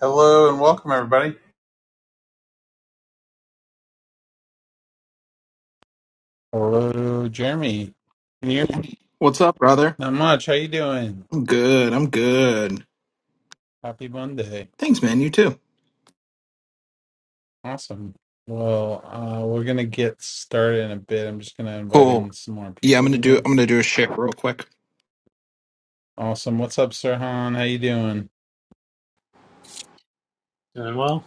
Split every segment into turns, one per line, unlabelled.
Hello and welcome everybody. Hello, Jeremy. Can you hear me?
What's up, brother?
Not much. How you doing?
I'm good. I'm good.
Happy Monday.
Thanks, man. You too.
Awesome. Well, uh, we're gonna get started in a bit. I'm just gonna invite in
Cool.
some more
Yeah, I'm
people
gonna do.
here.
I'm gonna do a shit real quick.
Awesome. What's up, Sirhan? How you doing?
Doing well.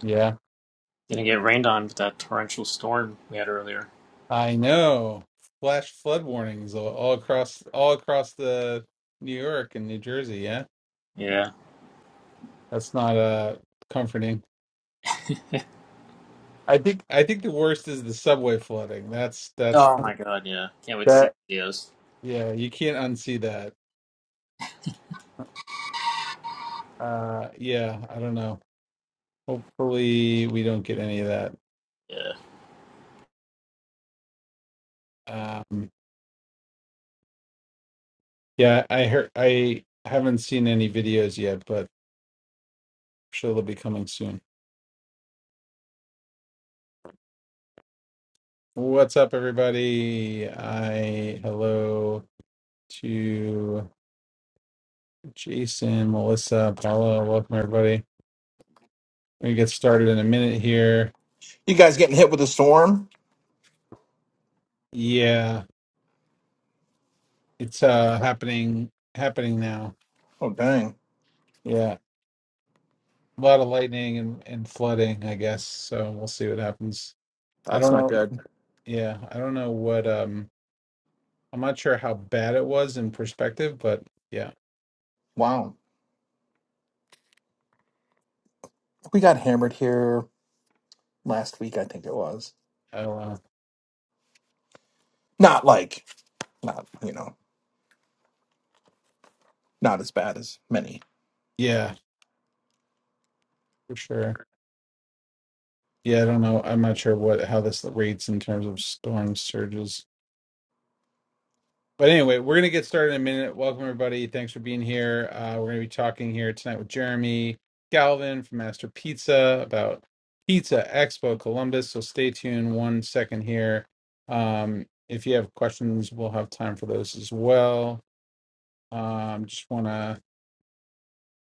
Yeah,
Gonna get rained on with that torrential storm we had earlier.
I know. Flash flood warnings all all across all across the New York and New Jersey. Yeah,
Yeah.
that's not uh comforting. I think I think the worst is the subway flooding. That's that's.
Oh my god, yeah. Can't wait to
that.
see the videos.
Yeah, you can't unsee that. Uh, yeah, I don't know. Hopefully, we don't get any of that.
Yeah.
Um, yeah, I heard. I haven't seen any videos yet, but I'm sure they'll be coming soon. What's up, everybody? I hello to Jason, Melissa, Paula. Welcome, everybody. We get started in a minute here.
You guys getting hit with a storm?
Yeah, it's uh happening happening now.
Oh dang,
Yeah, a lot of lightning and, and flooding, I guess. So we'll see what happens I
that's
don't
not
know.
good.
Yeah, I don't know what. Um, I'm not sure how bad it was in perspective, but yeah,
Wow, we got hammered here last week. I think it was
I don't know.
not like not you know not as bad as many.
Yeah, for sure. Yeah, I don't know. I'm not sure what how this rates in terms of storm surges. But anyway, we're gonna get started in a minute. Welcome everybody. Thanks for being here. Uh, we're gonna be talking here tonight with Jeremy Galvin from Master Pizza about Pizza Expo Columbus. So stay tuned one second here. Um, if you have questions, we'll have time for those as well. Um, just want to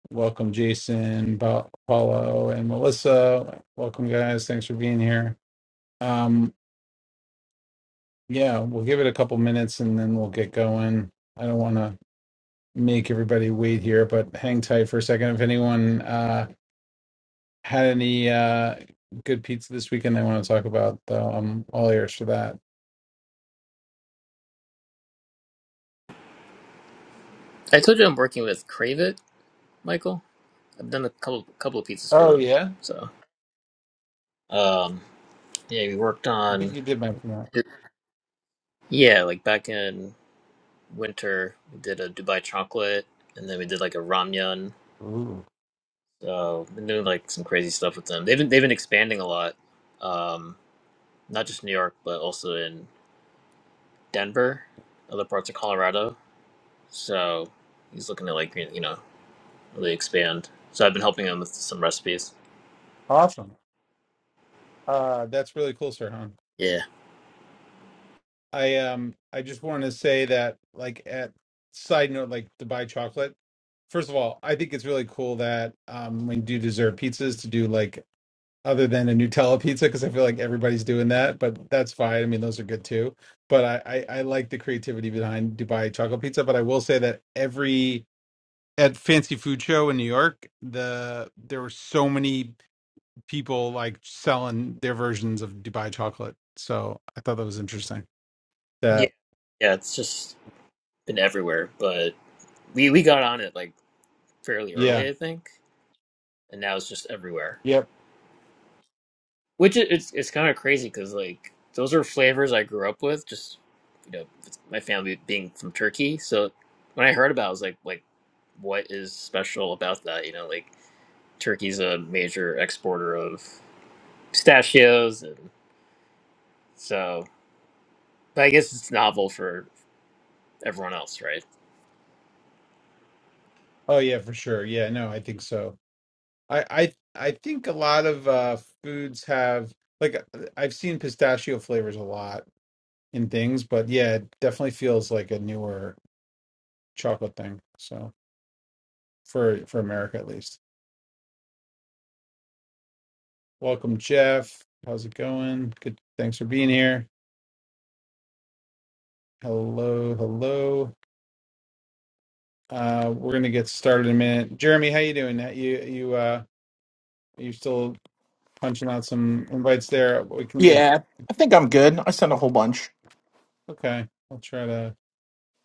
welcome Jason, Ba- Paulo, and Melissa. Welcome, guys. Thanks for being here. Um, yeah, we'll give it a couple minutes and then we'll get going. I don't want to make everybody wait here, but hang tight for a second. If anyone uh, had any uh, good pizza this weekend, they want to talk about, though, I'm all ears for that.
I told you I'm working with Crave It, Michael. I've done a couple couple of pizzas for
Oh
them.
yeah,
So um yeah, we worked
I think
on
you did mention that.
yeah, like back in winter we did a Dubai chocolate and then we did like a ramyun.
Ooh,
So been doing like some crazy stuff with them. They've been they've been expanding a lot. Um not just New York, but also in Denver, other parts of Colorado. So he's looking to like you know really expand. So I've been helping him with some recipes.
awesome. Uh, that's really cool, sir.
Yeah,
I um I just want to say that like at side note like to buy chocolate. First of all, I think it's really cool that um when you do dessert pizzas to do like other than a Nutella pizza because I feel like everybody's doing that, but that's fine. I mean, those are good too. But I, I I like the creativity behind Dubai chocolate pizza. But I will say that every at Fancy Food Show in New York, the there were so many people like selling their versions of Dubai chocolate. So I thought that was interesting.
yeah,
That
yeah. It's just been everywhere, but we we got on it like fairly
yeah
early, I think, and now it's just everywhere.
Yep.
Which it, it's it's kind of crazy because like those are flavors I grew up with. Just you know, it's my family being from Turkey, so when I heard about, it, I was like, like what is special about that? You know, like Turkey's a major exporter of pistachios, and so But I guess it's novel for everyone else, right?
Oh yeah, for sure. Yeah, no, I think so. I I I think a lot of uh foods have like uh, I've seen pistachio flavors a lot in things, but yeah, it definitely feels like a newer chocolate thing. So for for America at least. Welcome, Jeff. How's it going? Good. Thanks for being here. Hello, hello. Uh we're gonna get started in a minute. Jeremy, how you doing? Uh, You you uh are you still punching out some invites there? We can get
Yeah, I think I'm good. I sent a whole bunch.
okay. I'll try to.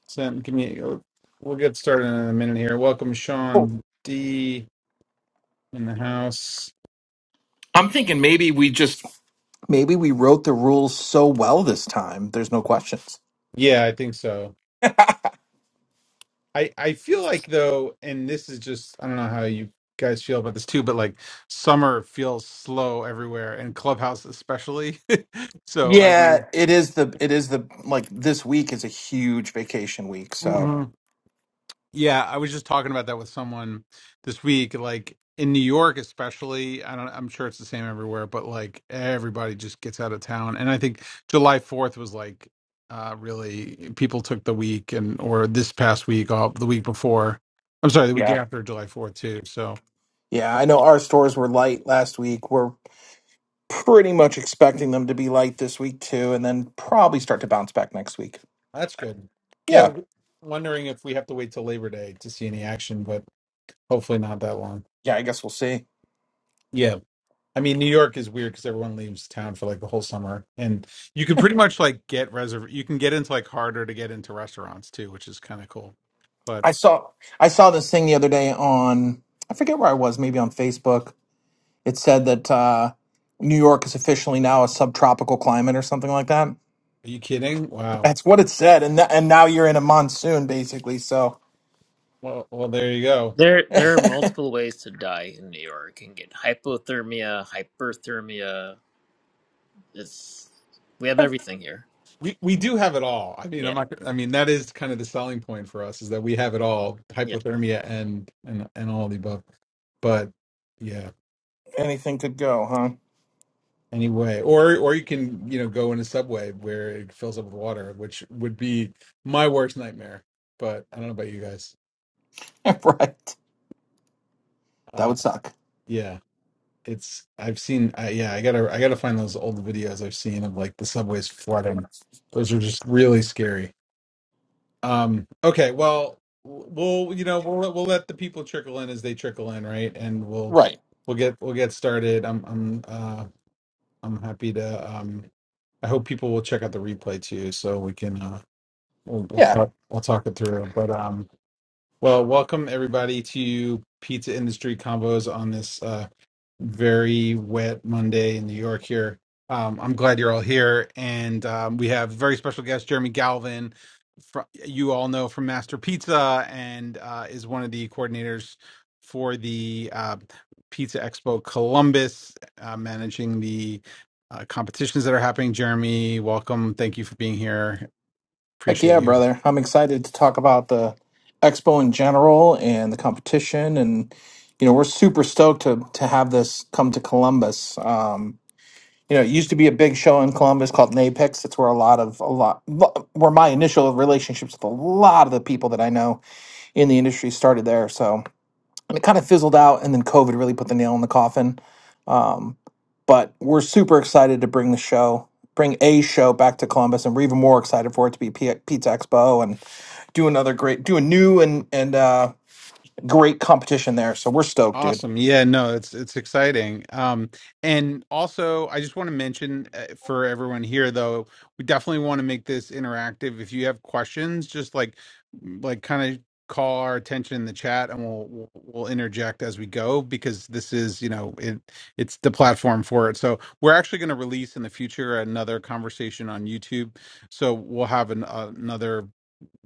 Sam, give me. uh, We'll get started in a minute here. Welcome,
Cool.
Sean D. in the house.
I'm thinking maybe we just maybe we wrote the rules so well this time. There's no questions.
Yeah, I think so. I I feel like though, and this is just I don't know how you guys feel about this too, but like summer feels slow everywhere, and Clubhouse especially. so I
Yeah,
mean.
it is the it is the like this week is a huge vacation week. So
Yeah, I was just talking about that with someone this week. Like in New York, especially, I don't, I'm sure it's the same everywhere, but like everybody just gets out of town. And I think July 4th was like uh, really people took the week and or this past week off, the week before. I'm sorry, the week
yeah,
after July 4th too. So
yeah, I know our stores were light last week. We're pretty much expecting them to be light this week too, and then probably start to bounce back next week.
that's good. Yeah,
Yeah,
I'm wondering if we have to wait till Labor Day to see any action, but hopefully not that long.
yeah, I guess we'll see.
Yeah, I mean, New York is weird because everyone leaves town for like the whole summer, and you can pretty much like get reserve. You can get into like harder to get into restaurants too, which is kind of cool. But
I saw I saw this thing the other day on I forget where I was, maybe on Facebook. It said that uh, New York is officially now a subtropical climate or something like that.
are you kidding? Wow.
That's what it said, and th- and now you're in a monsoon basically. So
Well, well, there you go.
There, there are multiple ways to die in New York. You can get hypothermia, hyperthermia. It's we have everything here.
We we do have it all. I mean, I'm
Yeah.
not. I mean, that is kind of the selling point for us is that we have it all:
Yeah,
hypothermia and and and all the above. But yeah.
anything could go, huh?
Anyway, or or you can you know go in a subway where it fills up with water, which would be my worst nightmare. But I don't know about you guys.
right. That
Uh,
would suck.
yeah, it's I've seen. I yeah, I gotta I gotta find those old videos I've seen of like the subways flooding. Those are just really scary. Um, okay, well, w- we'll you know we'll let- we'll let the people trickle in as they trickle in, right? And we'll
Right.
we'll get we'll get started. I'm I'm uh I'm happy to. Um, I hope people will check out the replay too, so we can uh we'll, we'll
Yeah.
talk we'll talk it through. But um, well, welcome everybody to Pizza Industry Combos on this. Uh, very wet Monday in New York here. Um, I'm glad you're all here, and um, we have very special guest Jeremy Galvin. From, you all know from Master Pizza, and uh, is one of the coordinators for the uh, Pizza Expo Columbus, uh, managing the uh, competitions that are happening. Jeremy, welcome. Thank you for being here.
Heck
Appreciate
yeah,
you.
brother. I'm excited to talk about the expo in general and the competition. And, you know, we're super stoked to, to have this come to Columbus. Um, you know, it used to be a big show in Columbus called NAPEx. That's where a lot of, a lot, lo- where my initial relationships with a lot of the people that I know in the industry started there. So, and it kind of fizzled out. And then COVID really put the nail in the coffin. Um, but we're super excited to bring the show, bring a show back to Columbus, and we're even more excited for it to be P- Pizza Expo and do another great, do a new and and uh, great competition there. So we're stoked, dude.
Awesome. Yeah, no, it's it's exciting. Um and also I just want to mention uh, for everyone here though, we definitely want to make this interactive. If you have questions, just like like kind of call our attention in the chat and we'll we'll we'll interject as we go because this is, you know, it it's the platform for it. So, we're actually going to release in the future another conversation on YouTube. So, we'll have an, uh, another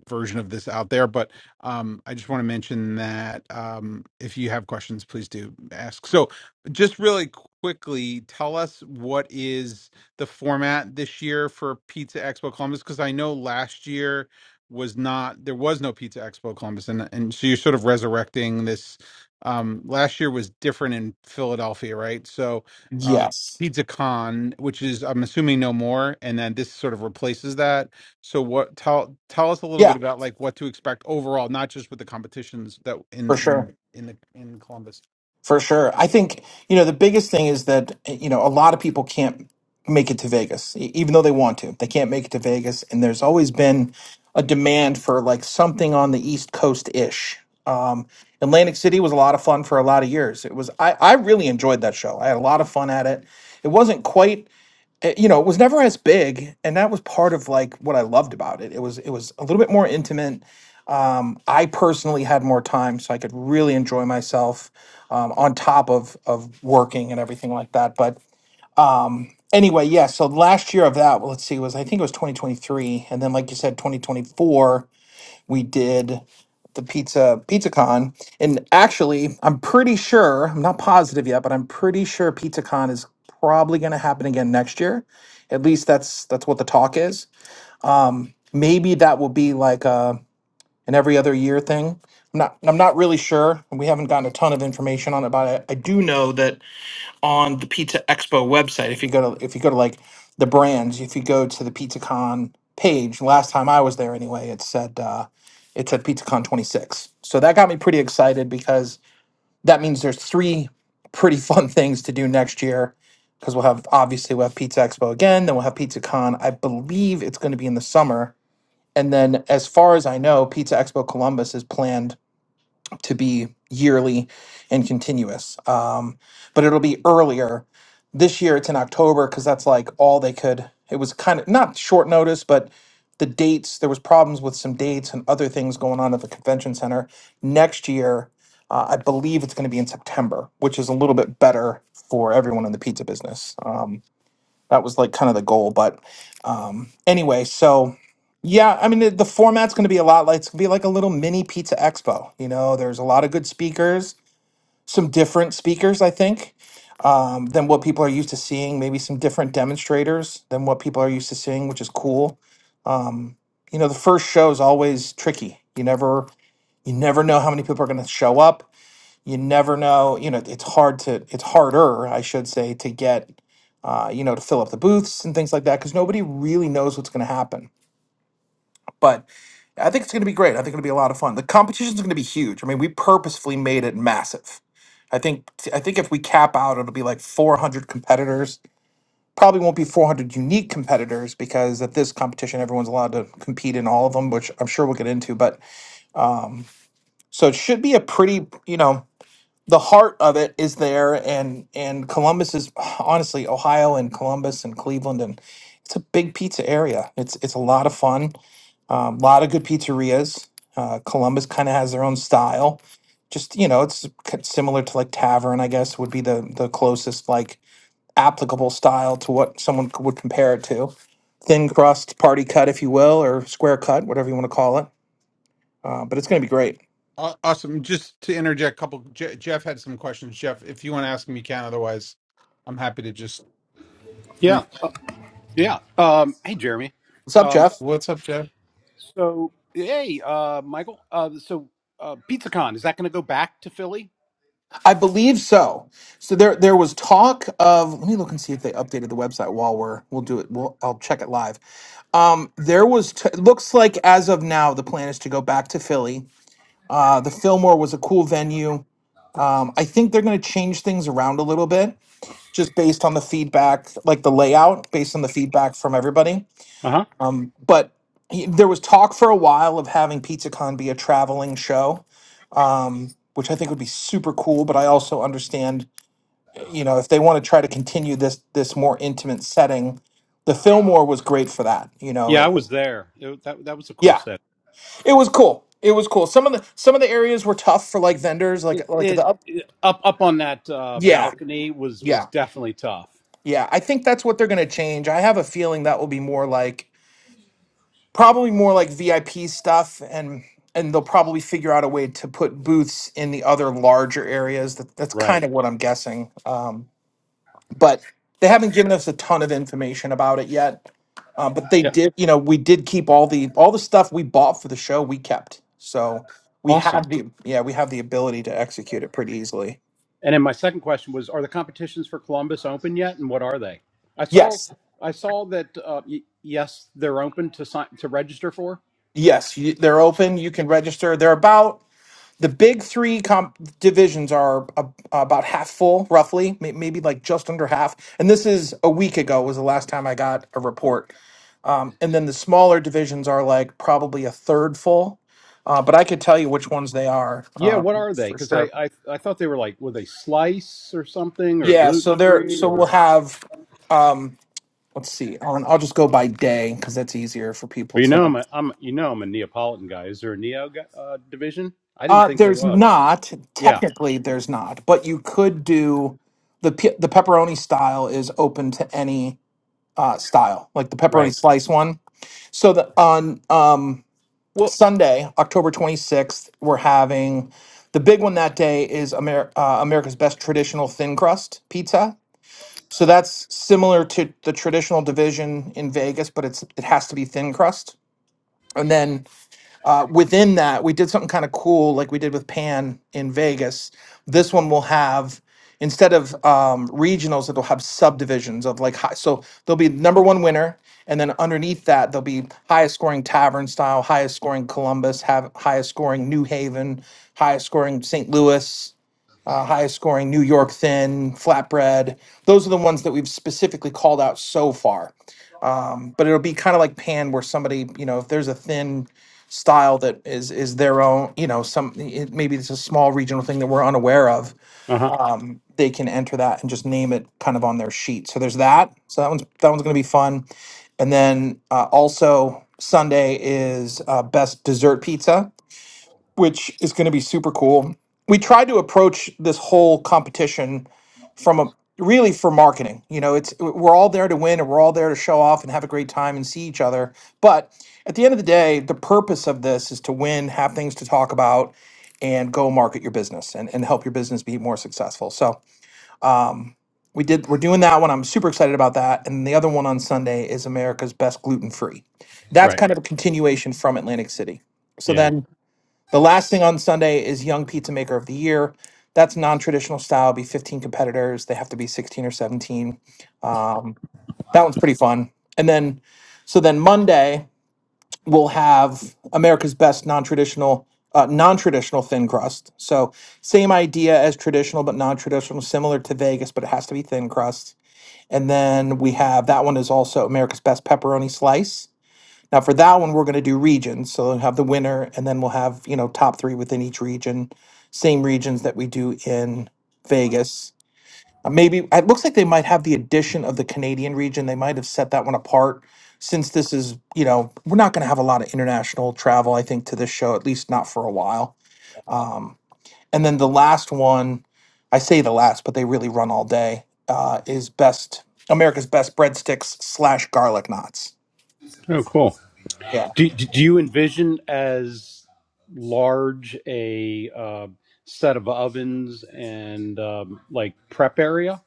version of this out there, but um, I just want to mention that um, if you have questions, please do ask. So, just really quickly, tell us what is the format this year for Pizza Expo Columbus? Because I know last year was not there was no Pizza Expo Columbus, and and so you're sort of resurrecting this. Um, last year was different in Philadelphia, right? So. Uh,
Yes,
Pizza Con, which is I'm assuming no more, and then this sort of replaces that so what tell tell us a little bit
yeah,
about like what to expect overall, not just with the competitions that in
for sure.
in in the in Columbus.
For sure. I think, you know, the biggest thing is that, you know, a lot of people can't make it to Vegas, e- even though they want to. They can't make it to Vegas. And there's always been a demand for like something on the East Coast ish. Um, Atlantic City was a lot of fun for a lot of years. It was, I, I really enjoyed that show. I had a lot of fun at it. It wasn't quite, eh, you know, it was never as big. And that was part of like what I loved about it. It was, it was a little bit more intimate I personally had more time, so I could really enjoy myself um, on top of of working and everything like that. But anyway, yeah. So last year of that, well, let's see, was I think it was 2023, and then like you said, 2024, we did the pizza PizzaCon, and actually, I'm pretty sure I'm not positive yet, but I'm pretty sure PizzaCon is probably going to happen again next year. At least that's that's what the talk is. Maybe that will be like a an every other year thing. I'm not I'm not really sure. We haven't gotten a ton of information on it, but I, I do know that on the Pizza Expo website, if you go to if you go to like the brands, if you go to the PizzaCon page, last time I was there anyway, it said uh, it said PizzaCon 26. So that got me pretty excited because that means there's three pretty fun things to do next year. Because we'll have obviously we'll have Pizza Expo again, then we'll have PizzaCon. I believe it's going to be in the summer and then, as far as I know, Pizza Expo Columbus is planned to be yearly and continuous. Um, but it'll be earlier. This year it's in October because that's like all they could. It was kind of not short notice, but the dates, there was problems with some dates and other things going on at the convention center. Next year, uh, I believe it's going to be in September, which is a little bit better for everyone in the pizza business. Um, that was like kind of the goal. But um, anyway, so yeah, I mean, the, the format's going to be a lot like it's going to be like a little mini pizza expo. You know, there's a lot of good speakers, some different speakers, I think, um, than what people are used to seeing. Maybe some different demonstrators than what people are used to seeing, which is cool. Um, you know, the first show is always tricky. You never you never know how many people are going to show up you never know you know it's hard to it's harder i should say to get uh, you know to fill up the booths and things like that because nobody really knows what's going to happen but i think it's going to be great i think it'll be a lot of fun the competition is going to be huge i mean we purposefully made it massive i think i think if we cap out it'll be like 400 competitors probably won't be 400 unique competitors because at this competition everyone's allowed to compete in all of them which i'm sure we'll get into but so it should be a pretty you know the heart of it is there and and columbus is honestly ohio and columbus and cleveland and it's a big pizza area it's it's a lot of fun a lot of good pizzerias uh, columbus kind of has their own style just you know it's k- similar to like tavern i guess would be the the closest like applicable style to what someone c- would compare it to thin crust party cut if you will or square cut whatever you want to call it uh, but it's going to be great
Aw- Awesome. Just to interject, a couple. Je- Jeff had some questions. Jeff, if you want to ask them, you can. Otherwise, I'm happy to just.
Yeah,
Re-
uh, yeah. Um, hey, Jeremy.
what's up
Um,
jeff
What's up, Jeff?
so, hey, uh, Michael. Uh, so, uh, PizzaCon is that going to go back to Philly?
I believe so. So there there was talk of let me look and see if they updated the website while we're we'll do it. We'll I'll check it live. Um, there was t- it looks like as of now the plan is to go back to Philly. Uh, the Fillmore was a cool venue. Um, I think they're going to change things around a little bit just based on the feedback, like the layout, based on the feedback from everybody.
Uh huh.
Um, but he- there was talk for a while of having PizzaCon be a traveling show um, which I think would be super cool. But I also understand you know if they want to try to continue this this more intimate setting the fillmore was great for that you know
Yeah, I
it
was there. It, that that was a cool
yeah
set.
it was cool it was cool some of the some of the areas were tough for like vendors like
It,
like
it,
the up
it up up on that uh,
yeah
balcony was was
yeah
definitely tough.
yeah i think that's what they're going to change i have a feeling that will be more like probably more like vip stuff and and they'll probably figure out a way to put booths in the other larger areas that, that's kind
Right.
of what i'm guessing Um, but they haven't given us a ton of information about it yet. Uh, but they
Yeah.
did, you know, we did keep all the all the stuff we bought for the show. We kept, so we
Awesome.
have the yeah, we have the ability to execute it pretty easily.
And then my second question was: Are the competitions for Columbus open yet, and what are they? I saw
Yes,
I saw that. Uh, y- yes, they're open to sign to register for.
yes, you, they're open. You can register. They're about the big three comp divisions are a, about half full, roughly, may, maybe like just under half. And this is a week ago was the last time I got a report Um, and then the smaller divisions are like probably a third full. Uh, but I could tell you which ones they are
Yeah, what
um,
are they?
for
Because I,
sure.
I I thought they were like were they slice or something or
Yeah. So
gluten
there,
free
so we'll
or
have. Um, let's see. I'll, I'll just go by day because that's easier for people
well you know
to.
I'm a, I'm you know I'm a Neapolitan guy. Is there a Neo gu- uh, division? I didn't
Uh,
think there
there's
was.
not
Yeah,
technically there's not, but you could do the pe- the pepperoni style is open to any uh, style, like the pepperoni
right.
slice one. So the on um,
Well,
Sunday, October 26th, we're having the big one that day is Amer- uh, America's Best Traditional Thin Crust Pizza. So that's similar to the traditional division in Vegas, but it's it has to be thin crust. And then uh, within that, we did something kind of cool, like we did with Pan in Vegas. This one will have instead of um, regionals, it'll have subdivisions of like high. So there'll be number one winner, and then underneath that, there'll be highest scoring Tavern Style, highest scoring Columbus, have highest scoring New Haven, highest scoring St. Louis. Uh, highest scoring New York Thin, Flatbread. Those are the ones that we've specifically called out so far um, but it'll be kind of like pan where somebody you know if there's a thin style that is is their own you know some it, maybe it's a small regional thing that we're unaware of
Uh huh.
um, they can enter that and just name it kind of on their sheet so there's that so that one's that one's going to be fun and then uh, also sunday is uh, best dessert pizza which is going to be super cool we tried to approach this whole competition from a really for marketing. You know, it's we're all there to win and we're all there to show off and have a great time and see each other. But at the end of the day, the purpose of this is to win, have things to talk about, and go market your business and, and help your business be more successful. So um we did we're doing that one. I'm super excited about that. And the other one on Sunday is America's Best Gluten Free. That's
Right.
kind of a continuation from Atlantic City. So
Yeah.
then the last thing on Sunday is Young Pizza Maker of the Year. That's non-traditional style. Be 15 competitors. They have to be 16 or 17. Um, that one's pretty fun. And then, so then Monday we'll have America's Best Non-Traditional uh, Non-Traditional Thin Crust. So same idea as traditional, but non-traditional, similar to Vegas, but it has to be thin crust. And then we have that one is also America's Best Pepperoni Slice now for that one, we're going to do regions. So we'll have the winner, and then we'll have you know top three within each region, same regions that we do in Vegas. Uh, Maybe it looks like they might have the addition of the Canadian region. They might have set that one apart since this is you know we're not going to have a lot of international travel. I think to this show, at least not for a while. Um, and then the last one, I say the last, but they really run all day. Uh, is best America's best breadsticks slash garlic knots.
Oh, cool.
Yeah.
Do do do you envision as large a uh, set of ovens and um, like prep area?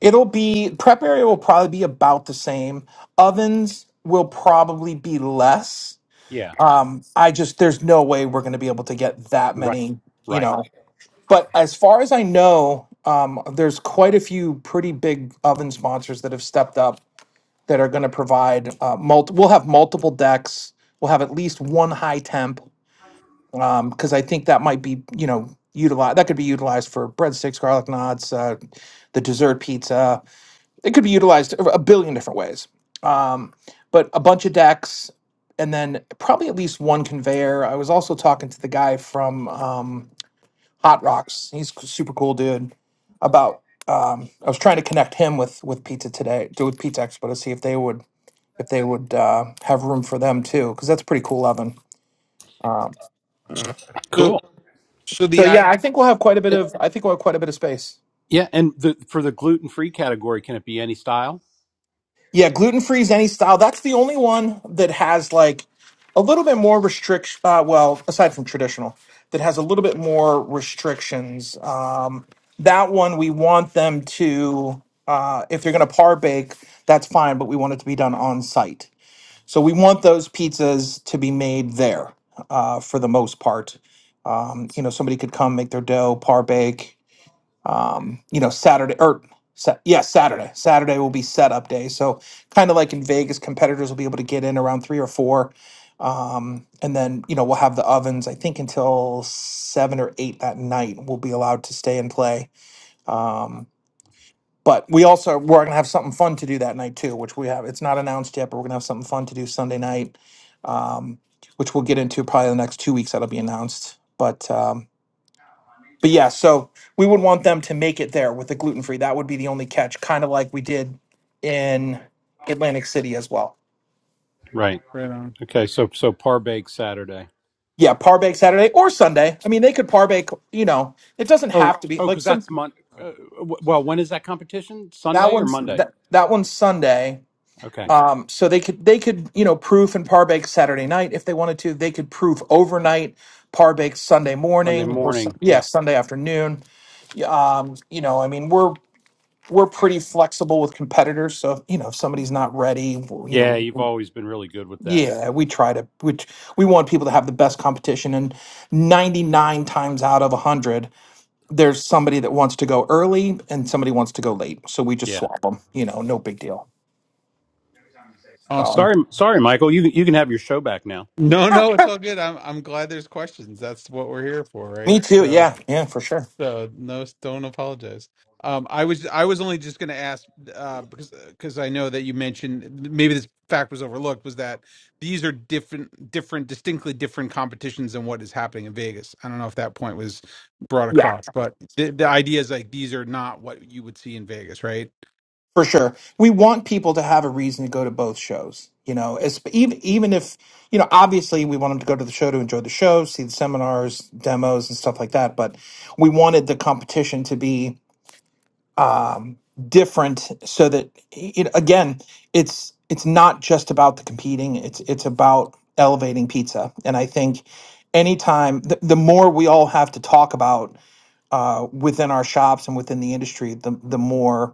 It'll be prep area will probably be about the same. Ovens will probably be less.
Yeah.
Um, I just there's no way we're going to be able to get that
Right.
many, you
Right.
know. But as far as I know, um, there's quite a few pretty big oven sponsors that have stepped up that are going to provide uh, multi. We'll have multiple decks. We'll have at least one high temp because I think that might be you know utilized. That could be utilized for breadsticks, garlic knots, uh, the dessert pizza it could be utilized a billion different ways. Um, but a bunch of decks, and then probably at least one conveyor. I was also talking to the guy from um, Hot Rocks. He's a super cool dude. About um, I was trying to connect him with with Pizza today, to- with Pizza Expo to see if they would if they would uh, have room for them too, because that's a pretty cool oven. Um,
so
Cool.
so
so
the I
yeah, I think we'll have quite a bit of I think we'll have quite a bit of space.
Yeah, and the for the gluten free category, can it be any style?
Yeah, gluten free is any style. That's the only one that has like a little bit more restriction. Uh, well, aside from traditional, that has a little bit more restrictions. Um, that one we want them to, uh, if they're going to par bake, that's fine, but we want it to be done on site. So we want those pizzas to be made there uh, for the most part. Um, you know, somebody could come make their dough, par bake, um, you know, Saturday or sa- yeah, Saturday. Saturday will be setup day. So kind of like in Vegas, competitors will be able to get in around three or four, um, and then you know we'll have the ovens. I think until seven or eight that night, we'll be allowed to stay and play. Um, but we also we're gonna have something fun to do that night too, which we have. It's not announced yet, but we're gonna have something fun to do Sunday night, um, which we'll get into probably the next two weeks. That'll be announced, but. Um, but yeah, so we would want them to make it there with the gluten free. That would be the only catch, kind of like we did in Atlantic City as well.
Right.
right on.
Okay, so so par bake Saturday.
Yeah, par bake Saturday or Sunday. I mean, they could par bake. You know, it doesn't
Oh,
have to be
oh,
like
because
some
that's Mon. Uh, w- well, when is that competition?
that
Sunday or
one's
Monday?
that, that one's Sunday.
Okay,
Um, so they could they could you know proof and par bake Saturday night if they wanted to. They could proof overnight, par bake Sunday
Sunday
morning or Sun-
morning.
yeah
Yeah,
Sunday afternoon. Um, you know, I mean we're we're pretty flexible with competitors. So you know, if somebody's not ready, w- you
yeah. You've
know,
always been really good with that.
yeah, we try to we t- we want people to have the best competition. And ninety nine times out of hundred, there's somebody that wants to go early and somebody wants to go late. So we just
Yeah.
swap them. You know, no big deal. So
Awesome.
Sorry, sorry, Michael. You you can have your show back now.
No, no, it's all good. I'm I'm glad there's questions. That's what we're here for,
me
right?
too.
So.
Yeah, yeah, for sure.
So no, don't apologize. Um, I was I was only just going to ask uh, because because I know that you mentioned maybe this fact was overlooked was that these are different different distinctly different competitions than what is happening in Vegas. I don't know if that point was brought across, but the, the idea is like these are not what you would see in Vegas, right?
For sure. We want people to have a reason to go to both shows, you know, as, even, even if, you know, obviously we want them to go to the show to enjoy the show, see the seminars, demos, and stuff like that. But we wanted the competition to be um, different so that, it, again, it's, it's not just about the competing, it's, it's about elevating pizza. And I think anytime, the, the more we all have to talk about uh, within our shops and within the industry, the the more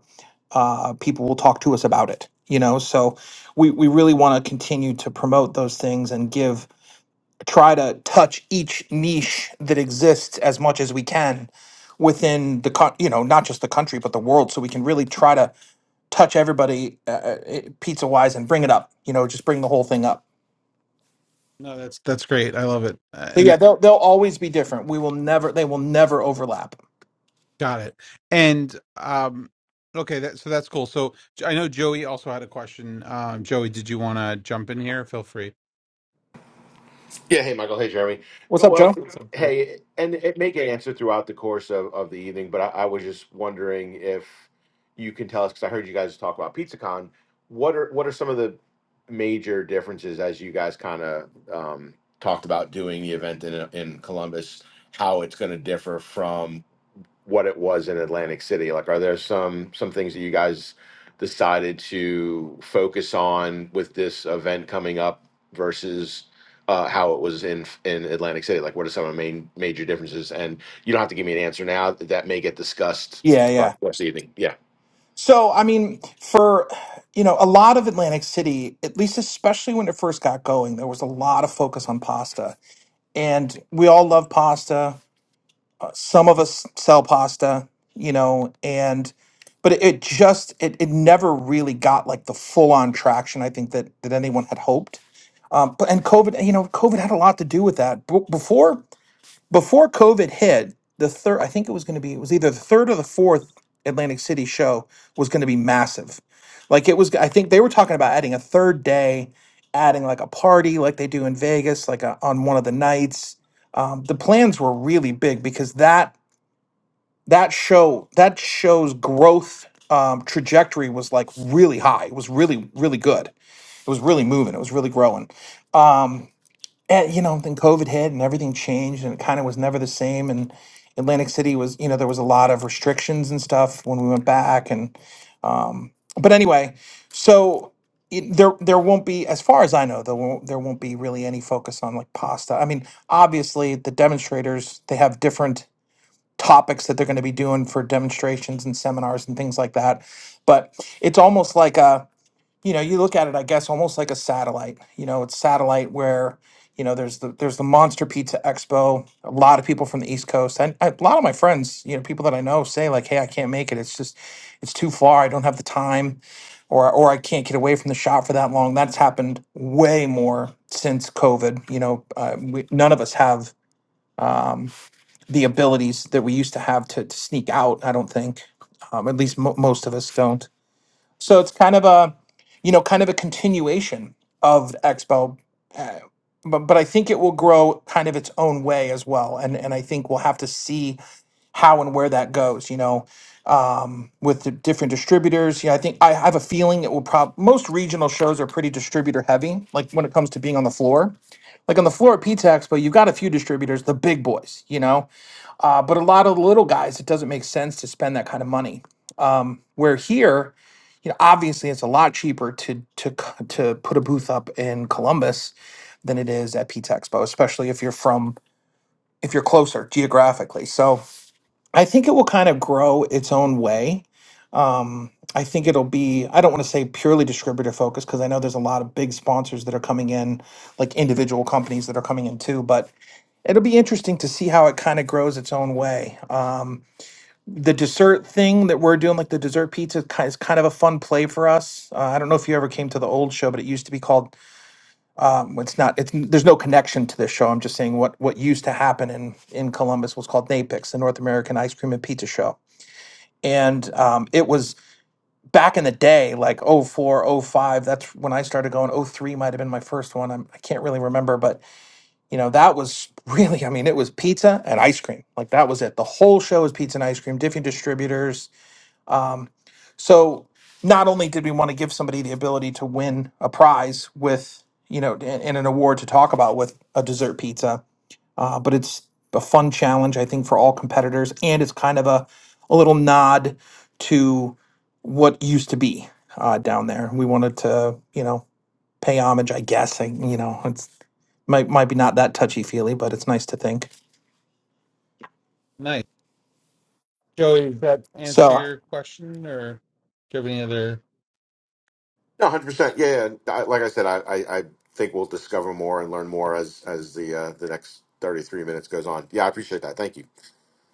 uh, people will talk to us about it. You know, so we we really want to continue to promote those things and give try to touch each niche that exists as much as we can within the co- you know not just the country but the world so we can really try to touch everybody uh, pizza wise and bring it up you know just bring the whole thing up
No, that's that's great. I love it uh,
so yeah
and
they'll, they'll always be different we will never they will never overlap
got it. And um, okay, that so that's cool. So I know Joey also had a question. Um, Joey, did you want to jump in here? Feel free.
Yeah, hey Michael, hey Jeremy.
what's
No,
up
Well,
joe
What's up, Joey?
hey, and it may get answered throughout the course of, of the evening, but I, I was just wondering if you can tell us because I heard you guys talk about PizzaCon. What are what are some of the major differences as you guys kind of um, talked about doing the event in in Columbus? How it's going to differ from what it was in Atlantic City? Like, are there some some things that you guys decided to focus on with this event coming up versus uh, how it was in in Atlantic City? Like, what are some of the main major differences? And you don't have to give me an answer now. That may get discussed
yeah yeah
throughout this evening. Yeah.
So, I mean, for you know, a lot of Atlantic City, at least especially when it first got going, there was a lot of focus on pasta. And we all love pasta. Some of us sell pasta, you know, and but it, it just it, it never really got like the full on traction I think that that anyone had hoped. Um, but and COVID, you know, COVID had a lot to do with that. B- before before COVID hit, the third, I think it was going to be, it was either the third or the fourth Atlantic City show was going to be massive. Like it was, I think they were talking about adding a third day, adding like a party like they do in Vegas, like a, on one of the nights. Um, the plans were really big because that that show that show's growth um, trajectory was like really high. It was really really good. It was really moving. It was really growing. Um, eh, you know, then COVID hit and everything changed and it kind of was never the same. And Atlantic City was, you know, there was a lot of restrictions and stuff when we went back. And, um, but anyway, so it, there, there won't be, as far as I know, there won't, there won't be really any focus on like pasta. I mean, obviously the demonstrators, they have different topics that they're going to be doing for demonstrations and seminars and things like that. But it's almost like a, you know, you look at it, I guess, almost like a satellite. You know, it's satellite where, you know, there's the there's the Monster Pizza Expo. A lot of people from the East Coast, and a lot of my friends, you know, people that I know, say like, "Hey, I can't make it. It's just, it's too far. I don't have the time, or or I can't get away from the shop for that long." That's happened way more since COVID. You know, uh, we, none of us have um, the abilities that we used to have to, to sneak out. I don't think, um, at least mo most of us don't. So it's kind of a, you know, kind of a continuation of Expo, uh, but but I think it will grow kind of its own way as well, and and I think we'll have to see how and where that goes. You know, um, with the different distributors. Yeah, I think I have a feeling it will probably most regional shows are pretty distributor heavy. Like when it comes to being on the floor. Like on the floor at Pizza Expo, you've got a few distributors, the big boys, you know, uh, but a lot of the little guys, it doesn't make sense to spend that kind of money. Um, where here, obviously it's a lot cheaper to to c- to put a booth up in Columbus than it is at Pizza Expo, especially if you're from if you're closer geographically. So I think it will kind of grow its own way. I think it'll be I don't want to say purely distributor focused because I know there's a lot of big sponsors that are coming in, like individual companies that are coming in too. But it'll be interesting to see how it kind of grows its own way. Um, the dessert thing that we're doing, like the dessert pizza, ki- is kind of a fun play for us. Uh, I don't know if you ever came to the old show, but it used to be called. Um, it's not. It's there's no connection to this show. I'm just saying what what used to happen in in Columbus was called Napix, the North American Ice Cream and Pizza Show, and um, it was back in the day, like oh four, oh five. That's when I started going. Oh three might have been my first one. I'm, I can't really remember, but you know that was really. I mean, it was pizza and ice cream. Like that was it. The whole show was pizza and ice cream. Different distributors Um, So not only did we want to give somebody the ability to win a prize with, you know, in, in an award to talk about with a dessert pizza, uh, but it's a fun challenge, I think, for all competitors. And it's kind of a, a little nod to what used to be uh, down there. We wanted to, you know, pay homage, I guess. And, you know, it's might, might be not that touchy feely, but it's nice to think.
Nice. Joey, does that answer
So
your question or do you have any other?
No, hundred percent. Yeah, yeah. I, like I said, I, I, I think we'll discover more and learn more as as the uh, the next thirty three minutes goes on. Yeah, I appreciate that. Thank you.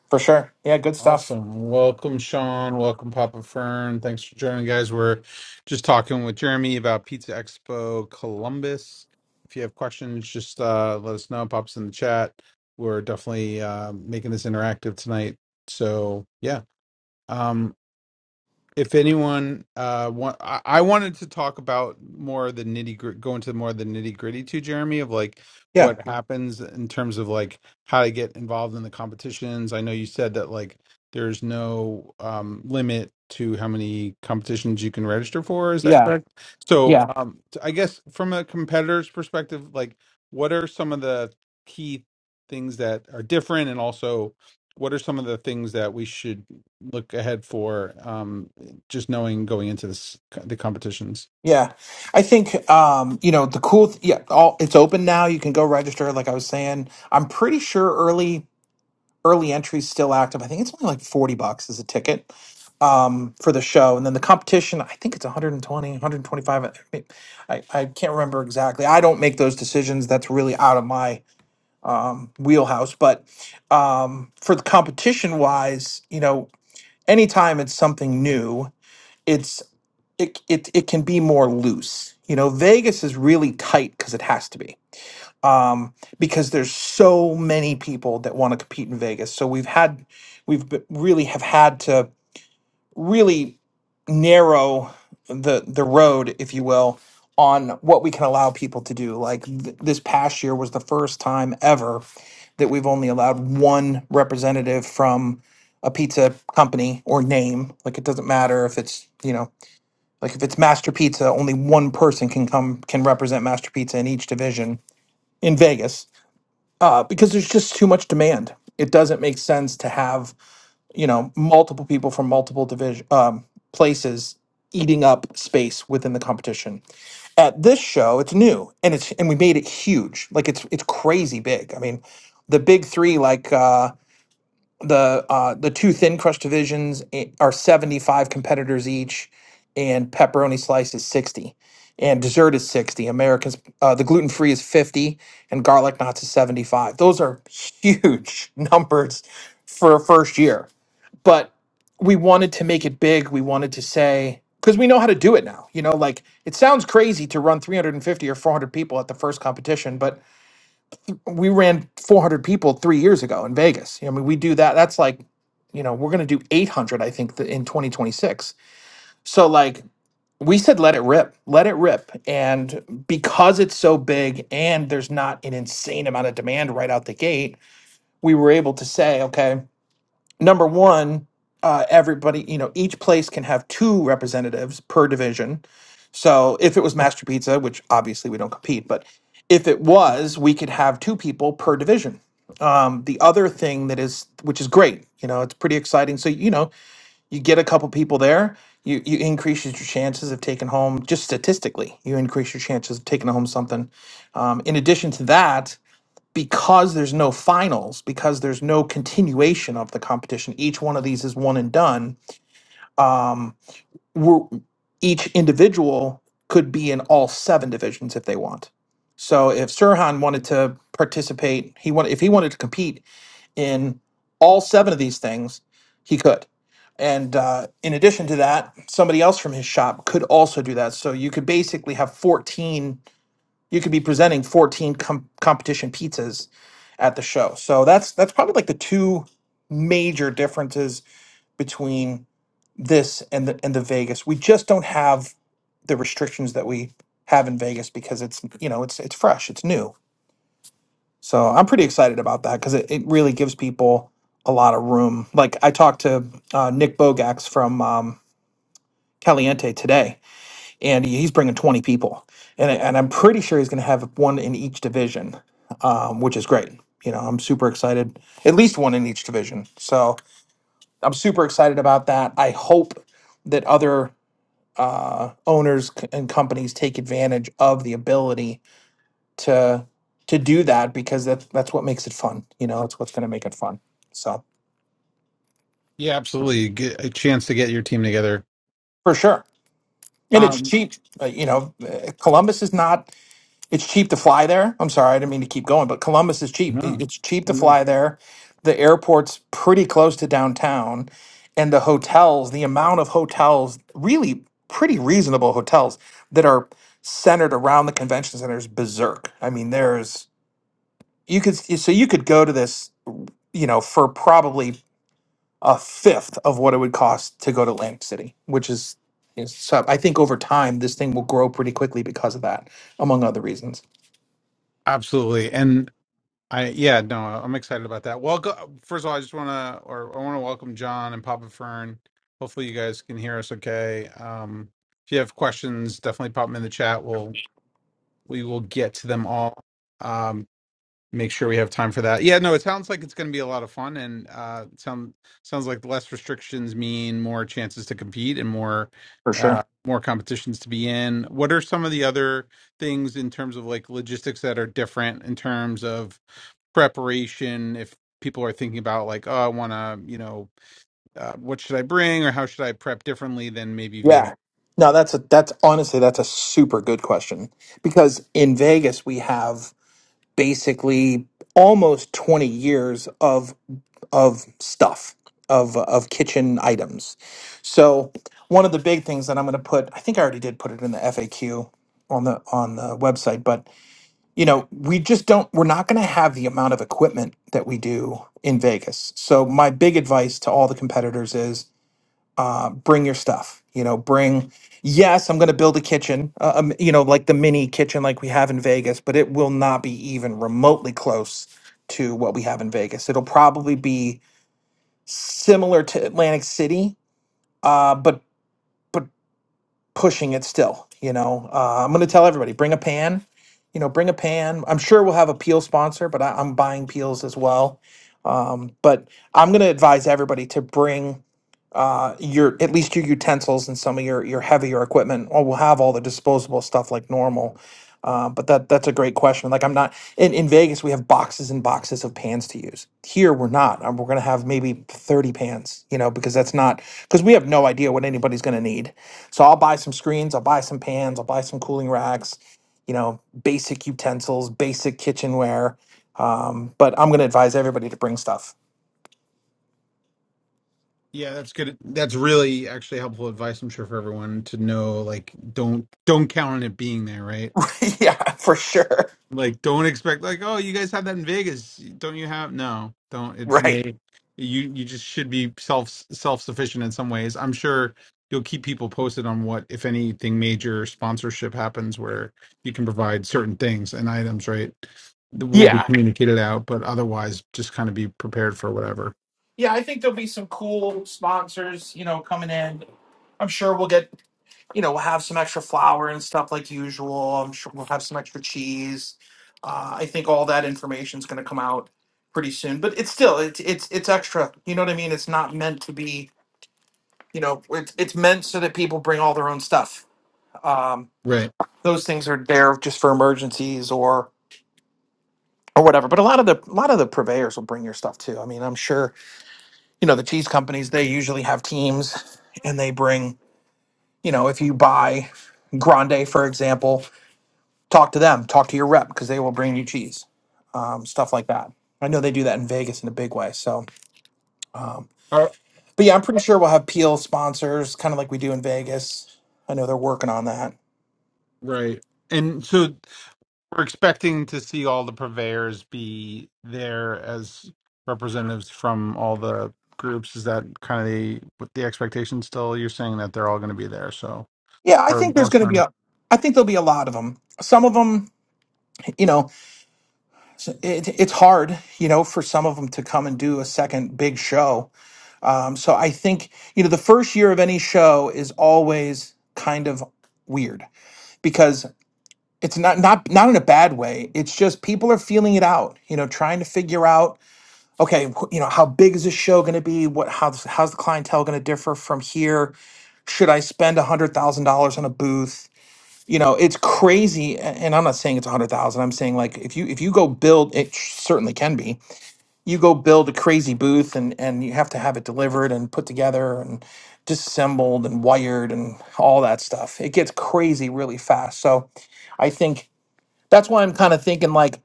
for sure. Yeah, good stuff.
Awesome. Welcome, Sean. Welcome, Papa Fern. Thanks for joining, guys. We're just talking with Jeremy about Pizza Expo Columbus. If you have questions, just uh, let us know. Pops in the chat. We're definitely uh, making this interactive tonight. So, yeah. Um, if anyone uh want, I, I wanted to talk about more of the nitty gritty go into more of the nitty gritty too jeremy of like
Yeah.
what happens in terms of like how to get involved in the competitions i know you said that like there's no um limit to how many competitions you can register for is that
Yeah.
correct so
Yeah.
um t- i guess from a competitor's perspective like what are some of the key things that are different and also what are some of the things that we should look ahead for um, just knowing going into this the competitions.
Yeah, I think um, you know the cool. Th- yeah, all it's open now. You can go register. Like I was saying, I'm pretty sure early early entry's still active. I think it's only like forty bucks as a ticket um, for the show, and then the competition. I think it's 120, 125. I, mean, I I can't remember exactly. I don't make those decisions. That's really out of my um, wheelhouse. But um, for the competition wise, you know, anytime it's something new it's it it it can be more loose. You know, Vegas is really tight because it has to be. Um, because there's so many people that want to compete in Vegas. So we've had we've b- really have had to really narrow the the road, if you will, on what we can allow people to do. Like th- this past year was the first time ever that we've only allowed one representative from a pizza company or name. Like it doesn't matter if it's, you know, like if it's Master Pizza, only one person can come can represent Master Pizza in each division in Vegas uh, because there's just too much demand. It doesn't make sense to have you know multiple people from multiple division um, places eating up space within the competition. At this show, it's new and it's and we made it huge. Like it's it's crazy big. I mean, the big three like. Uh, the uh, the two thin crust divisions i- are 75 competitors each and pepperoni slice is 60 and dessert is 60 americans uh, the gluten free is 50 and garlic knots is 75 those are huge numbers for a first year but we wanted to make it big we wanted to say because we know how to do it now you know like it sounds crazy to run 350 or 400 people at the first competition but we ran 400 people three years ago in Vegas. I mean, we do that. That's like, you know, we're going to do 800, I think, th- in 2026. So, like, we said, let it rip, let it rip. And because it's so big and there's not an insane amount of demand right out the gate, we were able to say, okay, number one, uh, everybody, you know, each place can have two representatives per division. So if it was Master Pizza, which obviously we don't compete, but if it was, we could have two people per division um, the other thing that is, which is great, you know, it's pretty exciting. So you know, you get a couple people there, you you increase your chances of taking home. Just statistically, you increase your chances of taking home something. Um, in addition to that, because there's no finals, because there's no continuation of the competition, each one of these is one and done. Um, we're, each individual could be in all seven divisions if they want. So if Sirhan wanted to participate, he wanted if he wanted to compete in all seven of these things, he could. And uh, in addition to that, somebody else from his shop could also do that. So you could basically have 14, you could be presenting 14 com- competition pizzas at the show. So that's that's probably like the two major differences between this and the and the Vegas. We just don't have the restrictions that we have in Vegas because it's, you know, it's it's fresh, it's new. So I'm pretty excited about that because it, it really gives people a lot of room. Like I talked to uh, Nick Bogax from um, Caliente today, and he- he's bringing 20 people, and I- and I'm pretty sure he's going to have one in each division, um, which is great. You know, I'm super excited. At least one in each division. So I'm super excited about that. I hope that other uh, owners c- and companies take advantage of the ability to to do that because that's that's what makes it fun. You know, it's what's going to make it fun. So
Yeah, absolutely. Get a chance to get your team together.
for sure, and it's
Um,
cheap. Uh, you know, uh, Columbus is not. It's cheap to fly there. I'm sorry, I didn't mean to keep going, but Columbus is cheap. It-
no,
It's cheap to
all good.
fly there. The airport's pretty close to downtown, and the hotels. The amount of hotels, really pretty reasonable hotels that are centered around the convention center is berserk. I mean, there's you could so you could go to this you know, for probably a fifth of what it would cost to go to Atlantic City, which is, is so I think over time this thing will grow pretty quickly because of that, among other reasons.
Absolutely, and I yeah no, I'm excited about that. Well, go, first of all, I just want to or I want to welcome John and Papa Fern. Hopefully, you guys can hear us okay. Um, if you have questions, definitely pop them in the chat. We'll we will get to them all. Um, make sure we have time for that. Yeah, no, it sounds like it's going to be a lot of fun, and uh, it sound sounds like less restrictions mean more chances to compete and more
For sure.
uh, more competitions to be in. What are some of the other things in terms of like logistics that are different in terms of preparation? If people are thinking about like, oh, I want to, you know, uh, what should I bring or how should I prep differently than maybe Vegas?
Yeah. No, that's a that's honestly that's a super good question because in Vegas we have basically almost 20 years of of stuff of of kitchen items. So one of the big things that I'm going to put I think I already did put it in the FAQ on the on the website, but you know, we just don't, we're not going to have the amount of equipment that we do in Vegas. So, my big advice to all the competitors is uh, bring your stuff. You know, bring, yes, I'm going to build a kitchen, uh, um, you know, like the mini kitchen like we have in Vegas, but it will not be even remotely close to what we have in Vegas. It'll probably be similar to Atlantic City, uh, but, but pushing it still. You know, uh, I'm going to tell everybody bring a pan. You know, bring a pan. I'm sure we'll have a peel sponsor, but I, I'm buying peels as well. Um, but I'm going to advise everybody to bring uh, your at least your utensils and some of your your heavier equipment or will have all the disposable stuff like normal. Uh, but that that's a great question. Like I'm not in, in Vegas, we have boxes and boxes of pans to use. Here we're not. Um, We're gonna have maybe 30 pans, you know, because that's not because we have no idea what anybody's gonna need. So I'll buy some screens, I'll buy some pans, I'll buy some cooling racks, you know, basic utensils, basic kitchenware. Um, but I'm gonna advise everybody to bring stuff.
Yeah, that's good. That's really actually helpful advice. I'm sure for everyone to know, like, don't don't count on it being there, right?
yeah, for sure.
like don't expect like oh you guys have that in vegas don't you have no don't it
Right.
may you you just should be self self-sufficient in some ways i'm sure you'll keep people posted on what if anything major sponsorship happens where you can provide certain things and items right that will be
Yeah.
communicated out but otherwise just kind of be prepared for whatever
yeah, I think there'll be some cool sponsors, you know, coming in. I'm sure we'll get, you know, we'll have some extra flour and stuff like usual. I'm sure we'll have some extra cheese. Uh, I think all that information's going to come out pretty soon. But it's still, it's it's it's extra. You know what I mean? It's not meant to be, you know, it's it's meant so that people bring all their own stuff. Um,
right
those things are there just for emergencies or or whatever. But a lot of the a lot of the purveyors will bring your stuff too. I mean, I'm sure you know the cheese companies they usually have teams and they bring you know, if you buy Grande, for example, talk to them, talk to your rep because they will bring you cheese, um, stuff like that. I know they do that in Vegas in a big way. So, um,
Uh, right.
but yeah, I'm pretty sure we'll have Peel sponsors, kind of like we do in Vegas. I know they're working on that.
and so We're expecting to see all the purveyors be there as representatives from all the groups. Is that kind of the with the expectation still? You're saying that they're all going to be there, so
Yeah, I
or
think there's
most
going
of
to be
them.
a, I think there'll be a lot of them. Some of them, you know, s- it, it's hard, you know, for some of them to come and do a second big show. Um, so I think, you know, the first year of any show is always kind of weird because it's not not not in a bad way it's just people are feeling it out you know trying to figure out okay wh- you know how big is this show going to be what how's how's the clientele going to differ from here should i spend $100000 on a booth you know it's crazy a- and i'm not saying it's 100000 i'm saying like if you if you go build it certainly can be you go build a crazy booth and and you have to have it delivered and put together and disassembled and wired and all that stuff it gets crazy really fast so i think that's why I'm kind of thinking like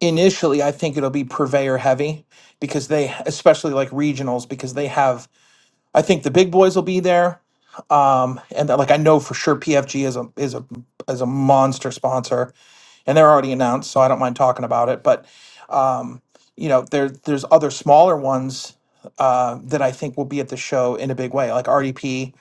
initially I think it'll be purveyor heavy because they especially like regionals because they have I think the big boys will be there um and like I know for sure PFG is a is a is a monster sponsor and they're already announced, so I don't mind talking about it. But um, you know, there there's other smaller ones uh, that I think will be at the show in a big way, like RDP.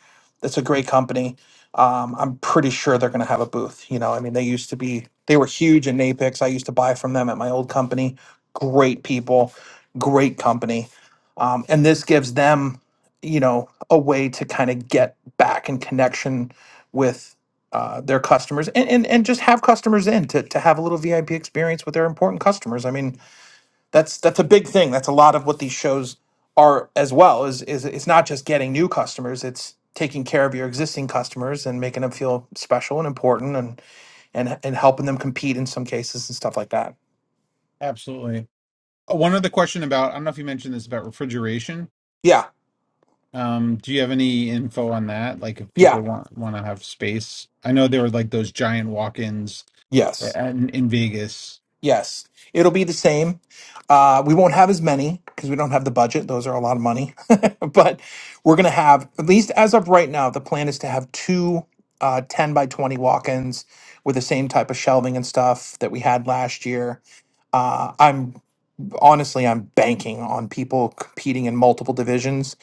That's a great company. Um, I'm pretty sure they're going to have a booth. You know, I mean, they used to be they were huge in Napix. I used to buy from them at my old company. Great people, great company, um, and this gives them you know a way to kind of get back in connection with uh, their customers and, and and just have customers in to to have a little VIP experience with their important customers. I mean, that's that's a big thing. That's a lot of what these shows are as well. Is is it's not just getting new customers. It's taking care of your existing customers and making them feel special and important and and and helping them compete in some cases and stuff like that.
Absolutely. Uh, One other question about, I don't know if you mentioned this about refrigeration.
Yeah.
Um, do you have any info on that? Like if
Yeah.
people want want to have space? I know there were like those giant walk-ins uh,
Yes.
in, in Vegas.
Yes, it'll be the same. Uh, we won't have as many because we don't have the budget. Those are a lot of money. but we're going to have, at least as of right now, the plan is to have two uh, 10 by 20 walk ins with the same type of shelving and stuff that we had last year. Uh, I'm honestly, I'm banking on people competing in multiple divisions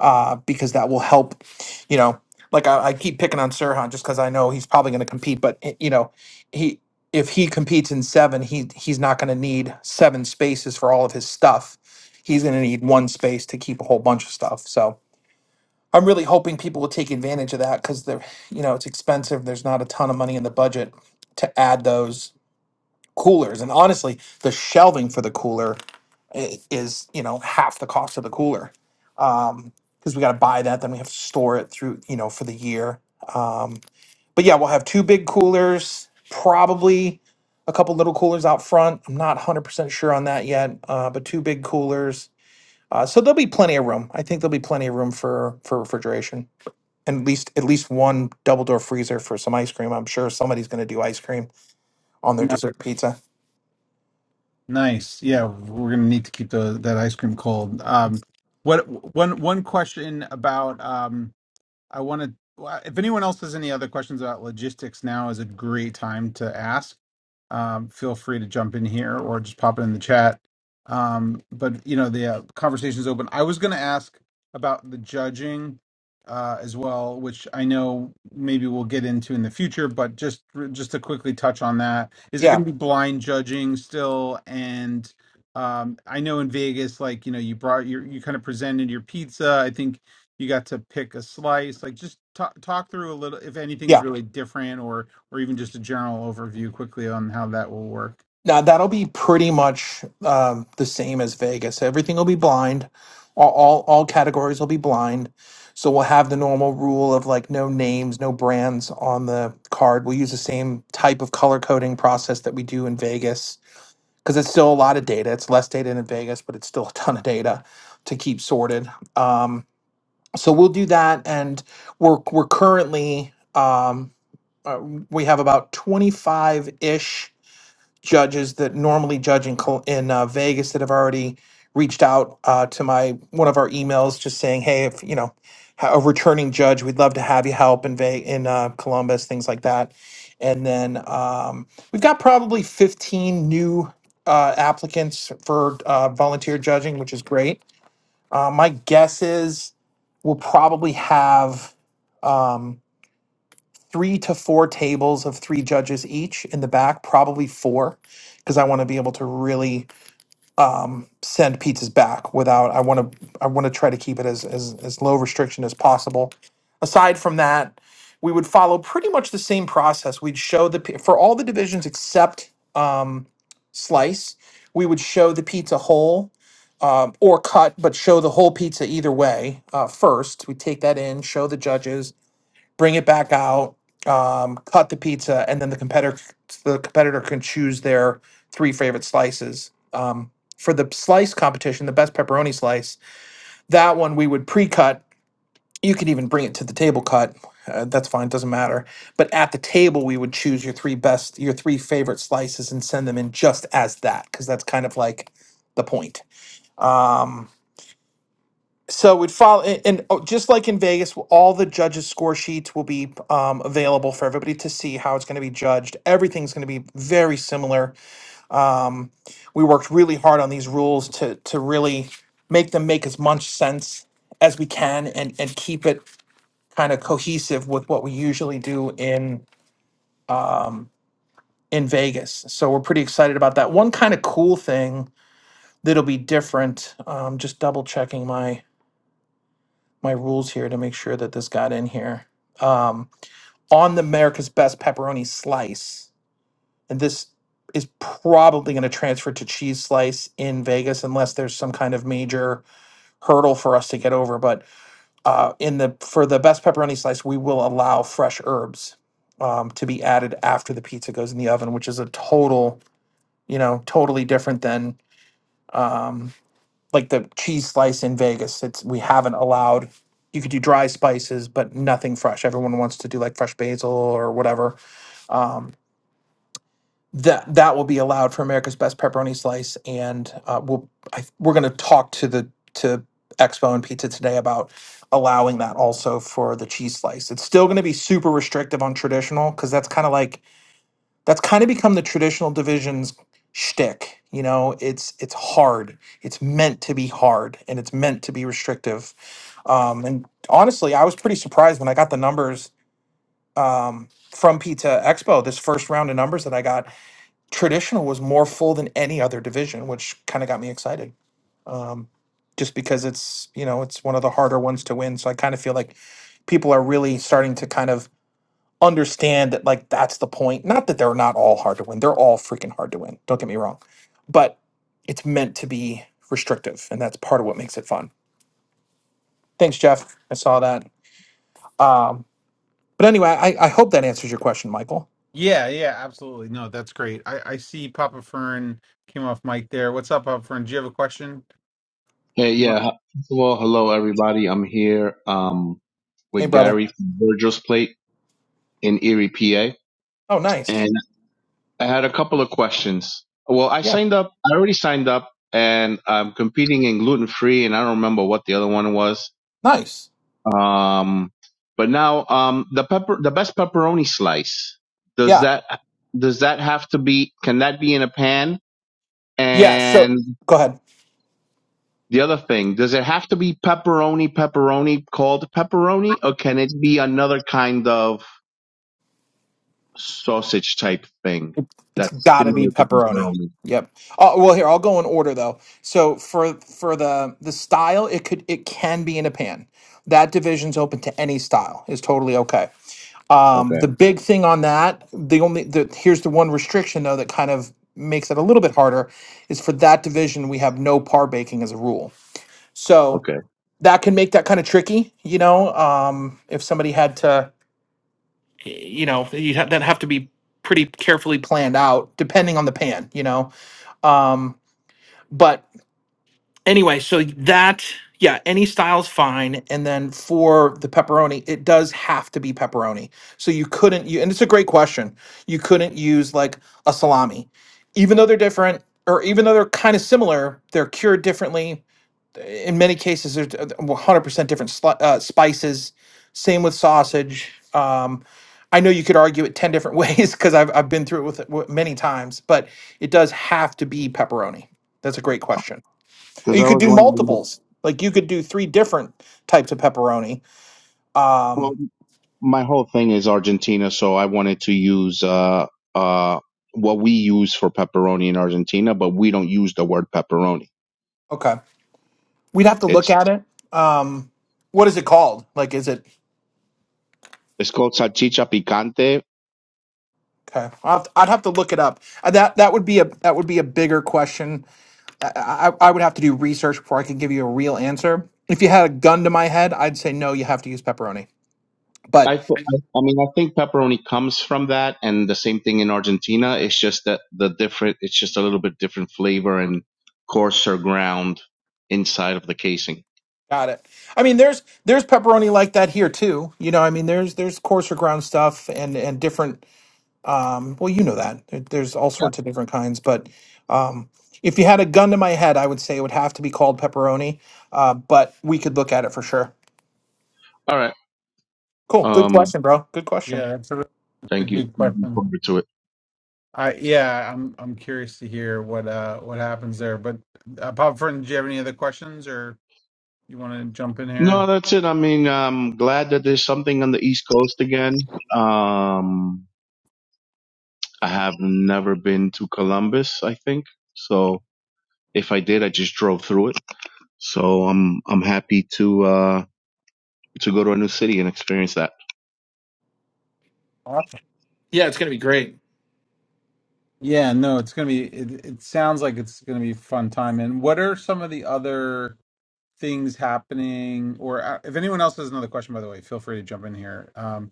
uh, because that will help. You know, like I, I keep picking on Sirhan just because I know he's probably going to compete, but eh, you know, he if he competes in seven, he he's not going to need seven spaces for all of his stuff. He's going to need one space to keep a whole bunch of stuff. So. I'm really hoping people will take advantage of that because they're, you know, it's expensive. There's not a ton of money in the budget to add those coolers. And honestly, the shelving for the cooler i- is you know half the cost of the cooler um because we got to buy that then we have to store it through you know for the year um but yeah we'll have two big coolers probably a couple little coolers out front i'm not 100% sure on that yet uh, but two big coolers uh, so there'll be plenty of room i think there'll be plenty of room for for refrigeration and at least at least one double door freezer for some ice cream i'm sure somebody's going to do ice cream on their dessert pizza
Nice. Yeah, we're gonna need to keep the that ice cream cold. Um, what one one question about um. I wanted, well, if anyone else has any other questions about logistics, now is a great time to ask. Um, feel free to jump in here or just pop it in the chat. Um, but you know, the uh, conversation's open. I was going to ask about the judging uh, as well, which I know maybe we'll get into in the future. But just just to quickly touch on that, is it going
yeah
to be blind judging still? And um, I know in Vegas, like you know, you brought your you kind of presented your pizza. I think you got to pick a slice like just talk talk through a little if
yeah
anything's really different or or even just a general overview quickly on how that will work
Now that'll be pretty much um, the same as Vegas. Everything will be blind. All, all all categories will be blind. So we'll have the normal rule of like no names, no brands on the card. We'll use the same type of color coding process that we do in Vegas because it's still a lot of data. It's less data in Vegas, but it's still a ton of data to keep sorted. Um, so we'll do that, and we're we're currently um, uh, we have about twenty five ish judges that normally judge in Col- in uh, Vegas that have already reached out uh, to my one of our emails, just saying, "Hey, if you know ha- a returning judge, we'd love to have you help in Ve- in uh, Columbus, things like that." And then um, we've got probably fifteen new uh, applicants for uh, volunteer judging, which is great. Uh, my guess is we'll probably have. Um, three to four tables of three judges each in the back, probably four, because I want to be able to really um, send pizzas back without. I want to. I want to try to keep it as, as as low restriction as possible. Aside from that, we would follow pretty much the same process. We'd show the pi- for all the divisions except um, slice. We would show the pizza whole. Um, or cut, but show the whole pizza either way uh, first. We take that in, show the judges, bring it back out, um, cut the pizza, and then the competitor the competitor can choose their three favorite slices. Um, for the slice competition, the best pepperoni slice, that one we would pre-cut. You could even bring it to the table cut. Uh, that's fine, doesn't matter. But at the table, we would choose your three best, your three favorite slices, and send them in just as that, because that's kind of like the point. Um, so it follow and, and oh, just like in Vegas, w- all the judges' score sheets will be um, available for everybody to see how it's going to be judged. Everything's going to be very similar. Um, we worked really hard on these rules to to really make them make as much sense as we can and and keep it kind of cohesive with what we usually do in um, in Vegas. So we're pretty excited about that. One kind of cool thing that'll be different. Um, just double checking my. my rules here to make sure that this got in here. Um, on the America's Best pepperoni slice, and this is probably going to transfer to cheese slice in Vegas unless there's some kind of major hurdle for us to get over. But uh, in the for the best pepperoni slice, we will allow fresh herbs um, to be added after the pizza goes in the oven, which is a total, you know, totally different than. Um, like the cheese slice in Vegas. It's we haven't allowed you could do dry spices, but nothing fresh. Everyone wants to do like fresh basil or whatever. Um, that that will be allowed for America's Best Pepperoni Slice, and uh, we'll I, we're going to talk to the to Expo and Pizza today about allowing that also for the cheese slice. It's still going to be super restrictive on traditional because that's kind of like that's kind of become the traditional divisions shtick. You know, it's it's hard. It's meant to be hard, and it's meant to be restrictive. Um, and honestly, I was pretty surprised when I got the numbers um, from Pizza Expo. This first round of numbers that I got, traditional was more full than any other division, which kind of got me excited. Um, just because it's you know it's one of the harder ones to win, so I kind of feel like people are really starting to kind of understand that like that's the point. Not that they're not all hard to win. They're all freaking hard to win. Don't get me wrong. But it's meant to be restrictive and that's part of what makes it fun. Thanks, Jeff. I saw that. Um, but anyway, I, I hope that answers your question, Michael.
yeah yeah absolutely no that's great i i see papa fern came off mic there what's up papa fern do you have a question
Hey,
you want
yeah. Well, hello everybody. I'm here um
Hey
with
brother.
Gary from Virgil's Plate in Erie, PA,
Oh nice.
and I had a couple of questions. Well, I
Yeah.
signed up. I already signed up, and I'm competing in gluten free, and I don't remember what the other one was.
Nice.
Um, but now um the pepper, the best pepperoni slice. Does
Yeah.
that does that have to be? Can that be in a pan?
Yeah. So
and?
go ahead.
The other thing, does it have to be pepperoni, pepperoni called pepperoni, or can it be another kind of sausage type thing
It's
that's
gotta
similar
be
to
pepperoni.
pepperoni?
Yep. Uh, well, here I'll go in order though. So for for the the style, it could it can be in a pan. That division's open to any style. Is totally okay. Um,
Okay,
the big thing on that, the only the here's the one restriction though that kind of makes it a little bit harder is for that division we have no par baking as a rule. So
okay.
that can make that kind of tricky, you know. Um, if somebody had to, y- you know, you have that have to be pretty carefully planned out depending on the pan, you know. Um, but anyway, so that yeah, any style's fine. And then for the pepperoni, it does have to be pepperoni. So you couldn't you and it's a great question. You couldn't use like a salami. Even though they're different or even though they're kind of similar, they're cured differently. In many cases, there's 100% different sli- uh, spices. Same with sausage. Um, I know you could argue it 10 different ways because I've, I've been through it with it w- many times, but it does have to be pepperoni. That's a great question.
Because
You
I
could
was
do
wondering, if-
multiples. Like you could do three different types of pepperoni.
well,
Um,
my whole thing is Argentina, so I wanted to use uh, uh, what we use for pepperoni in Argentina, but we don't use the word pepperoni.
okay. We'd have to look
It's
at it. Um, what is it called? Like, is it?
it's called salchicha picante,
Okay. I'll have to- I'd have to look it up. Uh, That that would be a that would be a bigger question. I, I I would have to do research before I could give you a real answer. If you had a gun to my head, I'd say no. You have to use pepperoni. But
I, f- I I mean, I think pepperoni comes from that, and the same thing in Argentina. It's just that the different, it's just a little bit different flavor and coarser ground inside of the casing.
got it. I mean, there's there's pepperoni like that here too. You know, I mean, there's there's coarser ground stuff and and different Um, well, you know that There- there's all
Yeah.
sorts of different kinds, but um, if you had a gun to my head, I would say it would have to be called pepperoni. Uh, but we could look at it for sure.
All right.
Cool. Good
Um.
question, bro. Good question.
yeah that's a, that's a
Thank you.
good
Looking
question
forward to it.
i yeah i'm i'm curious to hear what uh what happens there but uh, papa fern do you have any other questions or you want to jump in here
No, that's it. I mean, I'm glad that there's something on the East Coast again. Um. I have never been to Columbus. I think so. If I did, I just drove through it. So I'm I'm happy to uh to go to a new city and experience that.
Yeah, it's gonna be great.
Yeah, no, it's gonna be. It, it sounds like it's gonna be a fun time. And what are some of the other things happening? Or uh, if anyone else has another question, by the way, feel free to jump in here. Um,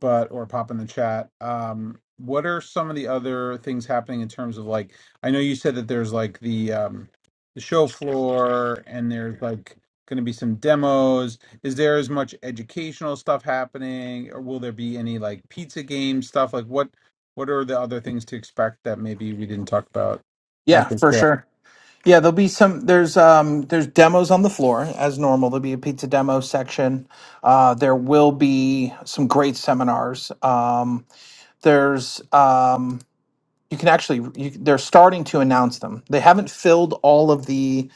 but or pop in the chat. Um, what are some of the other things happening in terms of like? I know you said that there's like the um, the show floor, and there's like going to be some demos. Is there as much educational stuff happening, or will there be any like pizza game stuff? Like what what are the other things to expect that maybe we didn't talk about at
Yeah,
the
for
show?
sure. Yeah, there'll be some. There's um, there's demos on the floor as normal. There'll be a pizza demo section. Uh, there will be some great seminars. Um, there's um, you can actually you, they're starting to announce them. They haven't filled all of the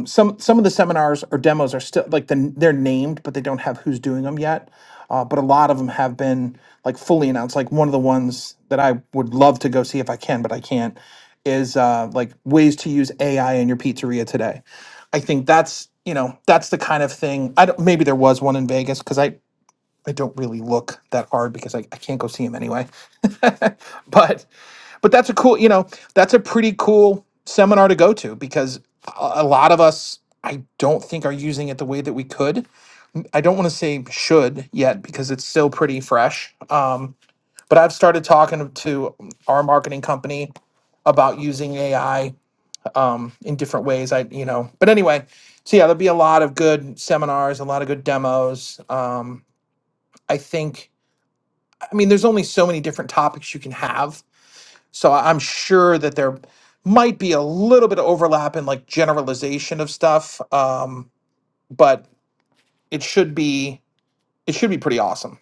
um, some some of the seminars or demos are still like the, they're named, but they don't have who's doing them yet. Uh, but a lot of them have been like fully announced. Like one of the ones that I would love to go see if I can, but I can't, is uh, like ways to use AI in your pizzeria today. I think that's you know that's the kind of thing. I don't maybe there was one in Vegas because I I don't really look that hard because I, I can't go see him anyway. but but that's a cool you know that's a pretty cool seminar to go to because a, a lot of us i don't think are using it the way that we could i don't want to say should yet because it's still pretty fresh um, but i've started talking to our marketing company about using ai um, in different ways i you know but anyway so yeah there'll be a lot of good seminars a lot of good demos um, i think I mean, there's only so many different topics you can have. So I- I'm sure that there might be a little bit of overlap in like generalization of stuff. Um, but it should be it should be pretty awesome.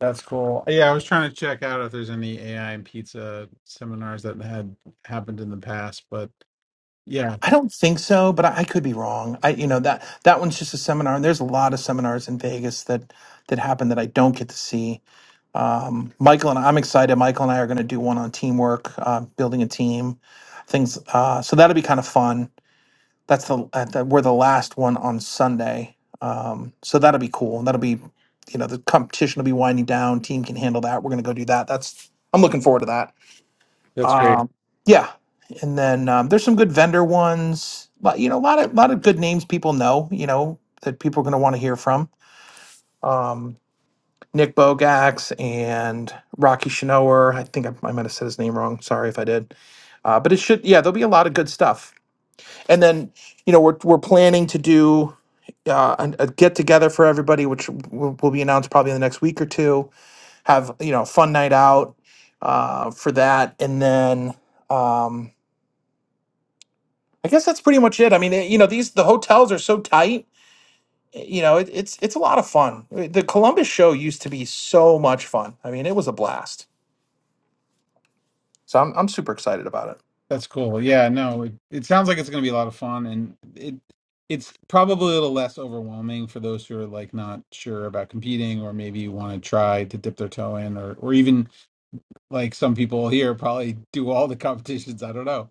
That's cool. Yeah, I was trying to check out if there's any AI and pizza seminars that had happened in the past, but yeah,
I don't think so, but I, I could be wrong. I you know that that one's just a seminar, and there's a lot of seminars in Vegas that that happen that I don't get to see. Um, Michael and I'm excited. Michael and I are going to do one on teamwork, uh, building a team, things. Uh, so that'll be kind of fun. that's the, at the we're the last one on Sunday. Um, so that'll be cool. That'll be, you know, the competition will be winding down. Team can handle that. We're gonna go do that. That's I'm looking forward to that.
that's great.
Um, yeah, and then um, there's some good vendor ones. But you know, a lot of lot of good names people know. You know that people are gonna want to hear from. Um, Nick Bogax and Rocky Shinower. I think I, I might have said his name wrong. Sorry if I did. Uh, but it should, yeah, there'll be a lot of good stuff and then you know we're we're planning to do uh, an- a get together for everybody, which will, will be announced probably in the next week or two. Have you know a fun night out uh, for that, and then um, I guess that's pretty much it. I mean, eh, you know these the hotels are so tight. eh, You know it, it's it's a lot of fun. Eh, The Columbus show used to be so much fun. I mean, it was a blast. So I'm I'm super excited about it.
That's cool. Yeah, no, it, it sounds like it's going to be a lot of fun, and it it's probably a little less overwhelming for those who are like not sure about competing, or maybe want to try to dip their toe in, or or even like some people here probably do all the competitions. I don't know.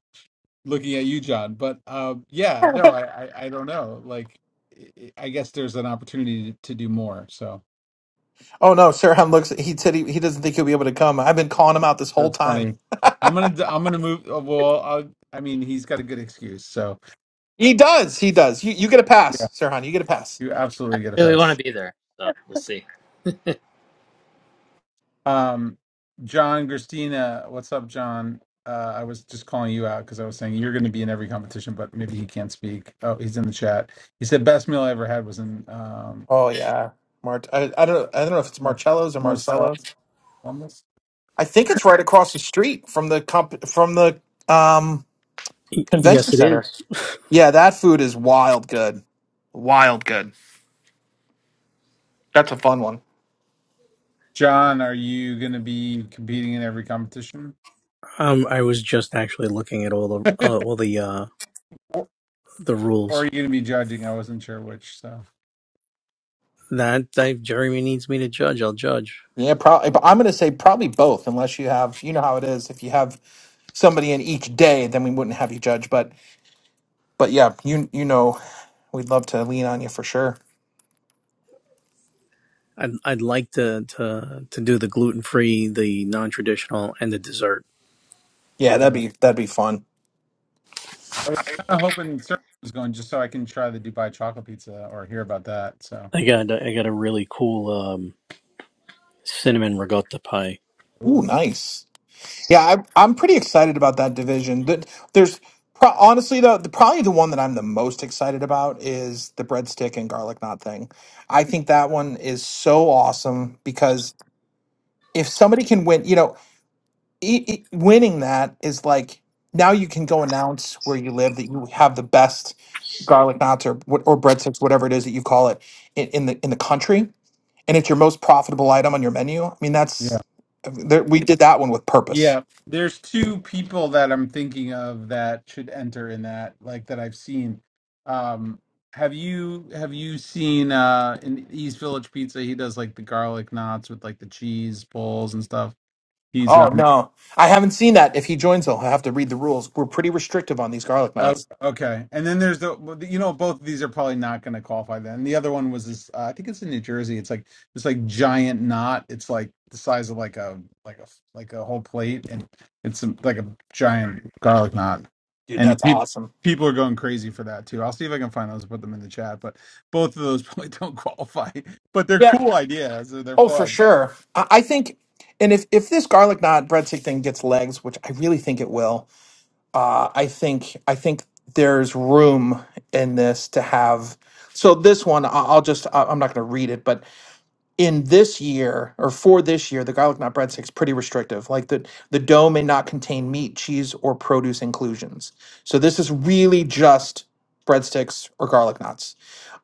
Looking at you, John, but um, yeah, no, I, I I don't know. Like, I I guess there's an opportunity to, to do more. So
Oh no, Sirhan looks. He said he, he doesn't think he'll be able to come. I've been calling him out this whole
that's
time.
funny. I'm gonna d- I'm gonna move. uh, Well, I'll, I mean, he's got a good excuse, so
He does. He does. You you get a
yeah,
pass, Sirhan. You get a pass.
you
I
absolutely get a
really
pass.
want to be there, so we'll see.
Um, John, Christina, what's up, John? Uh, I was just calling you out because I was saying you're going to be in every competition, but maybe he can't speak. Oh, he's in the chat. He said best meal I ever had was in um,
Oh yeah, Mart. I, I don't. I don't know if it's
Mar-
Marcello's or
Marcel
Marcello's.
Thomas.
I think it's right across the street from the comp from the um convention
Yes, it
center.
is.
Yeah, that food is wild good. Wild good. That's a fun one.
John, are you going to be competing in every competition,
Um, I was just actually looking at all the uh, all the uh,
or,
the
or are
rules
you going to be judging? I wasn't sure which. So
that if Jeremy needs me to judge. I'll judge.
Yeah, probably. But I'm gonna say probably both, unless you have. You know how it is. If you have somebody in each day, then we wouldn't have you judge. But but yeah, you you know, we'd love to lean on you for sure.
I'd I'd like to to to do the gluten free, the non traditional, and the dessert.
Yeah, that'd
anyway,
be that'd be fun.
I was kind of hoping Sarah was going just so I can try the Dubai chocolate pizza or hear about that. So,
I got I got a really cool um, cinnamon ricotta pie.
Ooh,
ooh,
nice. Yeah, I, I'm pretty excited about that division. That- There's pro- honestly though, the, probably the one that I'm the most excited about is the breadstick and garlic knot thing. I think that one is so awesome because if somebody can win, you know, e e- winning that is like now you can go announce where you live that you have the best garlic knots or what- or breadsticks, whatever it is that you call it, in, in the in the country, and it's your most profitable item on your menu. I mean,
yeah.
that's there, we did that one with purpose
Yeah, there's two people that I'm thinking of that should enter in that, like that I've seen. Um, have you have you seen uh in East Village Pizza? He does like the garlic knots with like the cheese balls and stuff. He's um
Oh no, I haven't seen that. If he joins, though, I have to read the rules. We're pretty restrictive on these garlic
Oh,
knots.
okay. And then there's the well, you know both of these are probably not going to qualify then. The other one was this uh, I think it's in New Jersey. It's like this like giant knot. It's like the size of like a like a like a whole plate and it's a, like a giant garlic knot.
Dude,
And
that's
pe-
awesome.
people are going crazy for that too. I'll see if I can find those and put them in the chat, but both of those probably don't qualify. But they're
Yeah.
cool ideas. They're they're
Oh, for
fun.
sure. I, I think, and if if this garlic knot breadstick thing gets legs, which I really think it will, uh, I think I think there's room in this to have. So this one, I- I'll just I- I'm not going to read it, but in this year or for this year, the garlic nut breadsticks pretty restrictive. Like the the dough may not contain meat, cheese, or produce inclusions. So this is really just breadsticks or garlic knots.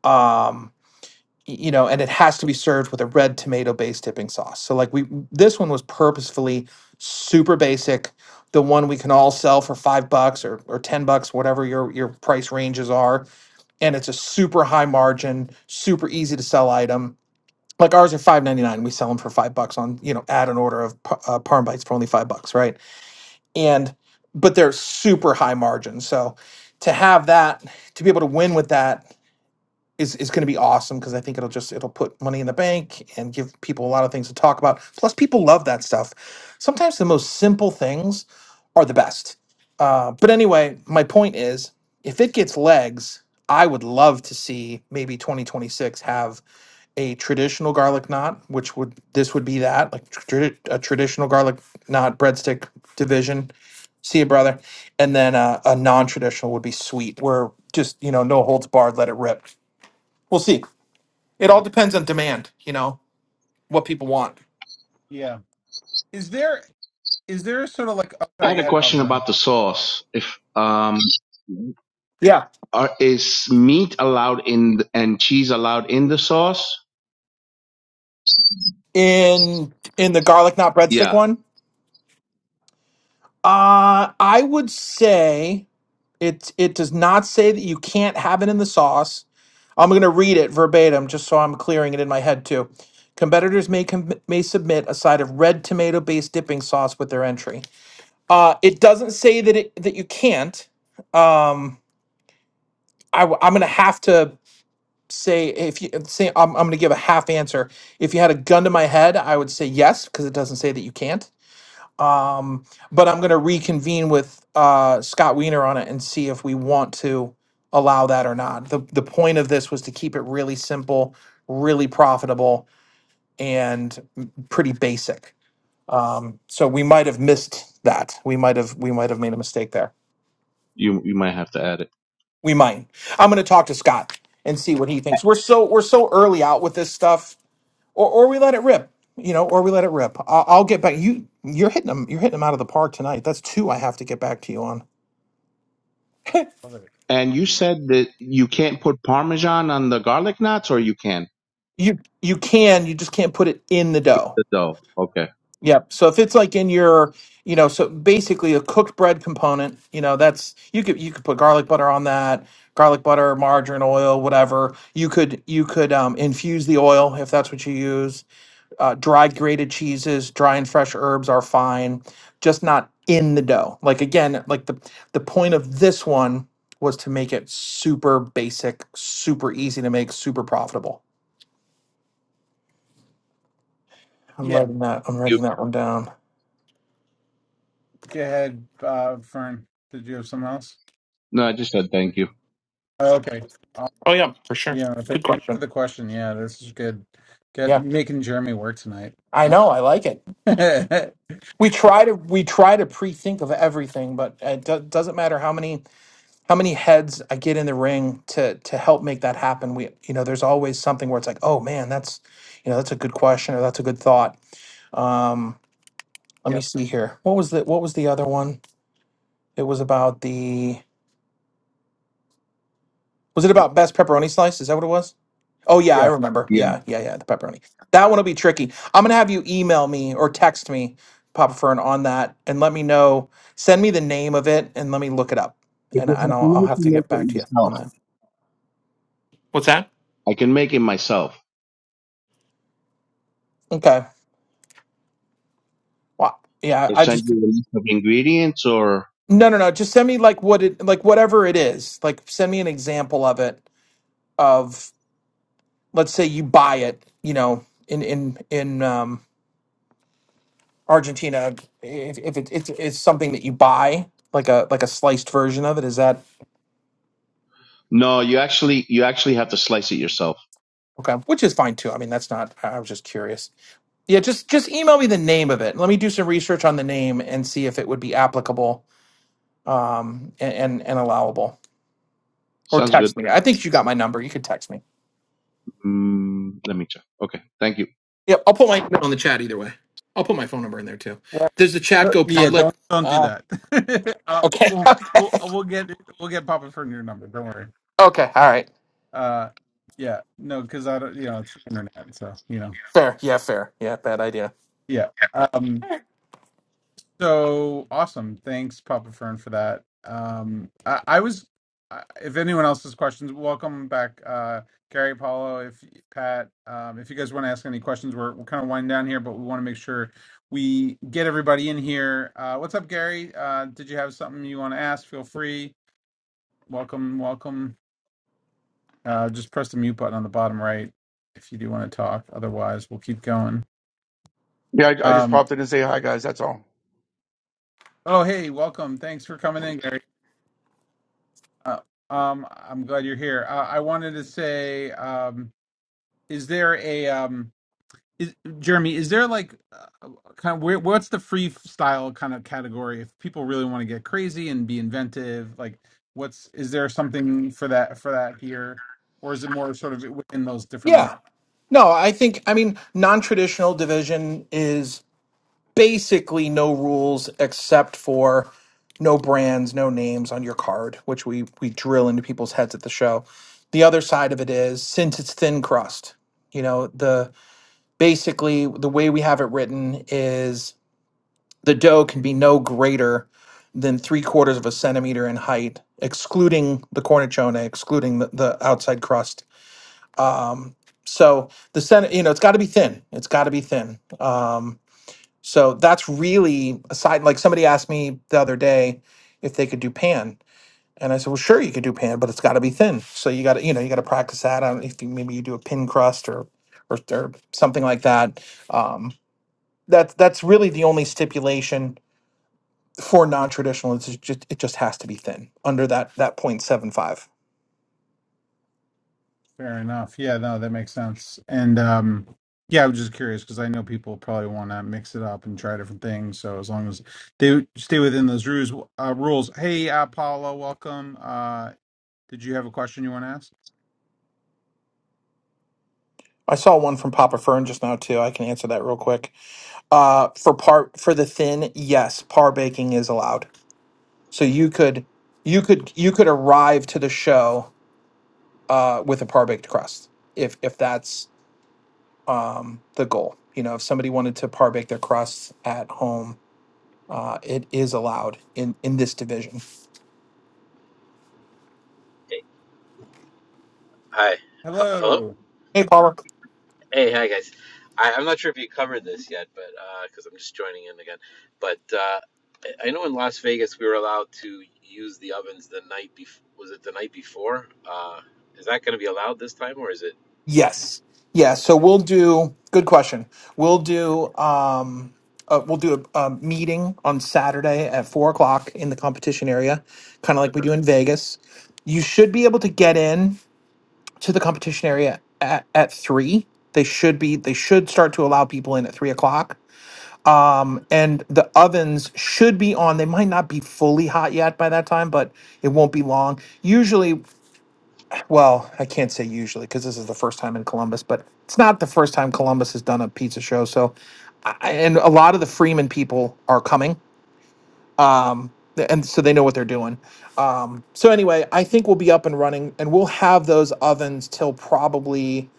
Um, y- you know, and it has to be served with a red tomato based dipping sauce. So like we this one was purposefully super basic, the one we can all sell for 5 bucks or or 10 bucks whatever your your price ranges are and it's a super high margin, super easy to sell item. Like ours are 5.99, we sell them for 5 bucks on, you know, add an order of pa- uh, parm bites for only 5 bucks, right? And but they're super high margin. So to have that, to be able to win with that is is going to be awesome because I think it'll just it'll put money in the bank and give people a lot of things to talk about. Plus, people love that stuff. Sometimes the most simple things are the best. Uh, but anyway, my point is, if it gets legs, I would love to see maybe 2026 have a traditional garlic knot, which would this would be that like tradi- a traditional garlic knot breadstick division. See you, brother. And then uh, a non-traditional would be sweet, where just you know no holds barred, let it rip We'll see. It all
Yeah.
depends on demand, you know, what people want.
Yeah. Is there is there sort of like oh,
I
sorry,
had
go
a
ahead, Papa
question about the sauce. If um,
Yeah.
are, is meat allowed in th- and cheese allowed in the sauce?
In in the garlic not breadstick
Yeah,
one, uh I would say it it does not say that you can't have it in the sauce. I'm going to read it verbatim just so I'm clearing it in my head too. Competitors may com- may submit a side of red tomato based dipping sauce with their entry. Uh it doesn't say that it that you can't. Um I w- I'm going to have to say if you say I'm, I'm going to give a half answer. If you had a gun to my head, I would say yes because it doesn't say that you can't. Um, but I'm going to reconvene with uh, Scott Weiner on it and see if we want to allow that or not. The the point of this was to keep it really simple, really profitable, and m- pretty basic. Um, so we might have missed that. We might have we might have made a mistake there.
you you might have to add it.
We might. I'm going to talk to Scott and see what he thinks. We're so we're so early out with this stuff or or we let it rip. You know, or we let it rip. I'll, I'll get back. You you're hitting them. You're hitting them out of the park tonight. That's two I have to get back to you on.
And you said that you can't put parmesan on the garlic knots, or you can
you you can. You just can't put it in the dough.
the dough. Okay.
Yep. So if it's like in your, you know, so basically a cooked bread component, you know, that's you could you could put garlic butter on that, garlic butter, margarine, oil, whatever. You could you could um, infuse the oil if that's what you use Uh, dried grated cheeses, dry and fresh herbs are fine, just not in the dough. Like again, like the the point of this one was to make it super basic, super easy to make, super profitable. I'm
Fern.
writing that. I'm
You
writing that one down.
Go ahead, uh, Fern. Did you have something else?
no, I just said thank you.
Oh, okay. Uh,
Oh yeah, for sure.
yeah, thank-
Good
thanks for
question.
the question. Yeah, this is good. Get
Yeah,
making Jeremy work tonight.
I
Uh,
know. I like it. We try to we try to pre-think of everything, but it do- doesn't matter how many how many heads I get in the ring to to help make that happen. We, you know, there's always something where it's like, oh man, that's, you know, that's a good question or that's a good thought. Um, let
yeah,
me see here. What was the what was the other one? It was about the was it about best pepperoni slice? Is that what it was? Oh yeah, I
yeah.
remember.
Yeah,
Yeah, yeah, yeah. The pepperoni. That one will be tricky. I'm gonna have you email me or text me, Papa Fern, on that, and let me know. Send me the name of it, and let me look it up, and
because
and
I
I'll,
can
I'll have
actually
to
make
get
it
back to you
myself.
on that.
I can make it myself.
Okay. Well, yeah.
They
I
send
just
you a list of ingredients, or
No, no, no. Just send me like what it like whatever it is. Like send me an example of it of let's say you buy it, you know, in in in um Argentina if if it, it's it's something that you buy like a like a sliced version of it is that
no, you actually you actually have to slice it yourself.
okay, which is fine too. I mean, that's not I I was just curious. Yeah, just just email me the name of it. Let me do some research on the name and see if it would be applicable um and and, and allowable or
Sounds good.
text me. I think you got my number. You could text me.
Mm, let me check. Okay, thank you.
Yep, I'll put my email in the chat either way. I'll put my phone number in there too.
Well,
Does the chat
uh,
go
yeah.
public?
Don't don't do
Uh,
that. uh,
okay.
we'll we'll we'll get we'll get Papa Fern your number. Don't worry.
okay. All right.
Uh, yeah. No, because I don't. You know, it's the internet, so you know.
Fair. Yeah. Fair. Yeah. Bad idea.
Yeah. um, So awesome. Thanks, Papa Fern, for that. Um, I, I was, I- if anyone else has questions, welcome back, uh, Gary, Paulo, if Pat, um, if you guys want to ask any questions, we're, we're kind of winding down here, but we want to make sure we get everybody in here. Uh, what's up, Gary? Uh, did you have something you want to ask? Feel free. Welcome, welcome. Uh, just press the mute button on the bottom right if you do want to talk. Otherwise, we'll keep going.
Yeah, I, I just
Um,
popped in and say hi, guys. That's all.
oh, hey, welcome. Thanks for coming in, Gary. Uh, um, I'm glad you're here. Uh, I wanted to say, um, is there a um, is Jeremy? Is there like uh, kind of where, what's the freestyle kind of category? If people really want to get crazy and be inventive, like what's is there something for that for that here, or is it more sort of within those different
Yeah. No, I think I mean non-traditional division is basically no rules except for no brands, no names on your card, which we we drill into people's heads at the show. The other side of it is since it's thin crust, you know, the basically the way we have it written is The dough can be no greater than three quarters of a centimeter in height, excluding the cornicione, excluding the, the outside crust. Um, so the center, you know, it's got to be thin. It's got to be thin. Um, so that's really aside. Like somebody asked me the other day if they could do pan, and I said, well, sure, you could do pan, but it's got to be thin. So you got to, you know, you got to practice that. I don't, if you, maybe you do a pin crust or, or, or something like that. Um, that's that's really the only stipulation for non-traditional it's just it just has to be thin under that that point seven five.
Fair enough. Yeah, no, that makes sense. And um yeah, I was just curious because I know people probably want to mix it up and try different things. So as long as they stay within those rules, uh, rules. Hey, uh, Paula, welcome. Uh, did you have a question you want to ask?
i saw one from papa fern just now too i can answer that real quick uh for par for the thin yes par baking is allowed so you could you could you could arrive to the show uh with a par baked crust if if that's um, the goal. You know, if somebody wanted to par bake their crusts at home, uh, it is allowed in in this division.
Hey, hi. H- hello?
Hello.
Hey, Palmer.
Hey, hi, guys. I, I'm not sure if you covered this yet, but because I'm just joining in again. But uh, I I know in Las Vegas we were allowed to use the ovens the night before. Was it the night before? Uh, is that going to be allowed this time, or is it
Yes, yeah. So we'll do. Good question. We'll do. Um, uh, we'll do a, a meeting on Saturday at four o'clock in the competition area, kind of like we do in Vegas. You should be able to get in to the competition area at, at three. They should be. They should start to allow people in at three o'clock Um, and the ovens should be on. They might not be fully hot yet by that time, but it won't be long. Usually, well, I can't say usually because this is the first time in Columbus, but it's not the first time Columbus has done a pizza show. So, I, I- and a lot of the Freeman people are coming. Um, th- and so they know what they're doing. Um, so anyway, I think we'll be up and running and we'll have those ovens till probably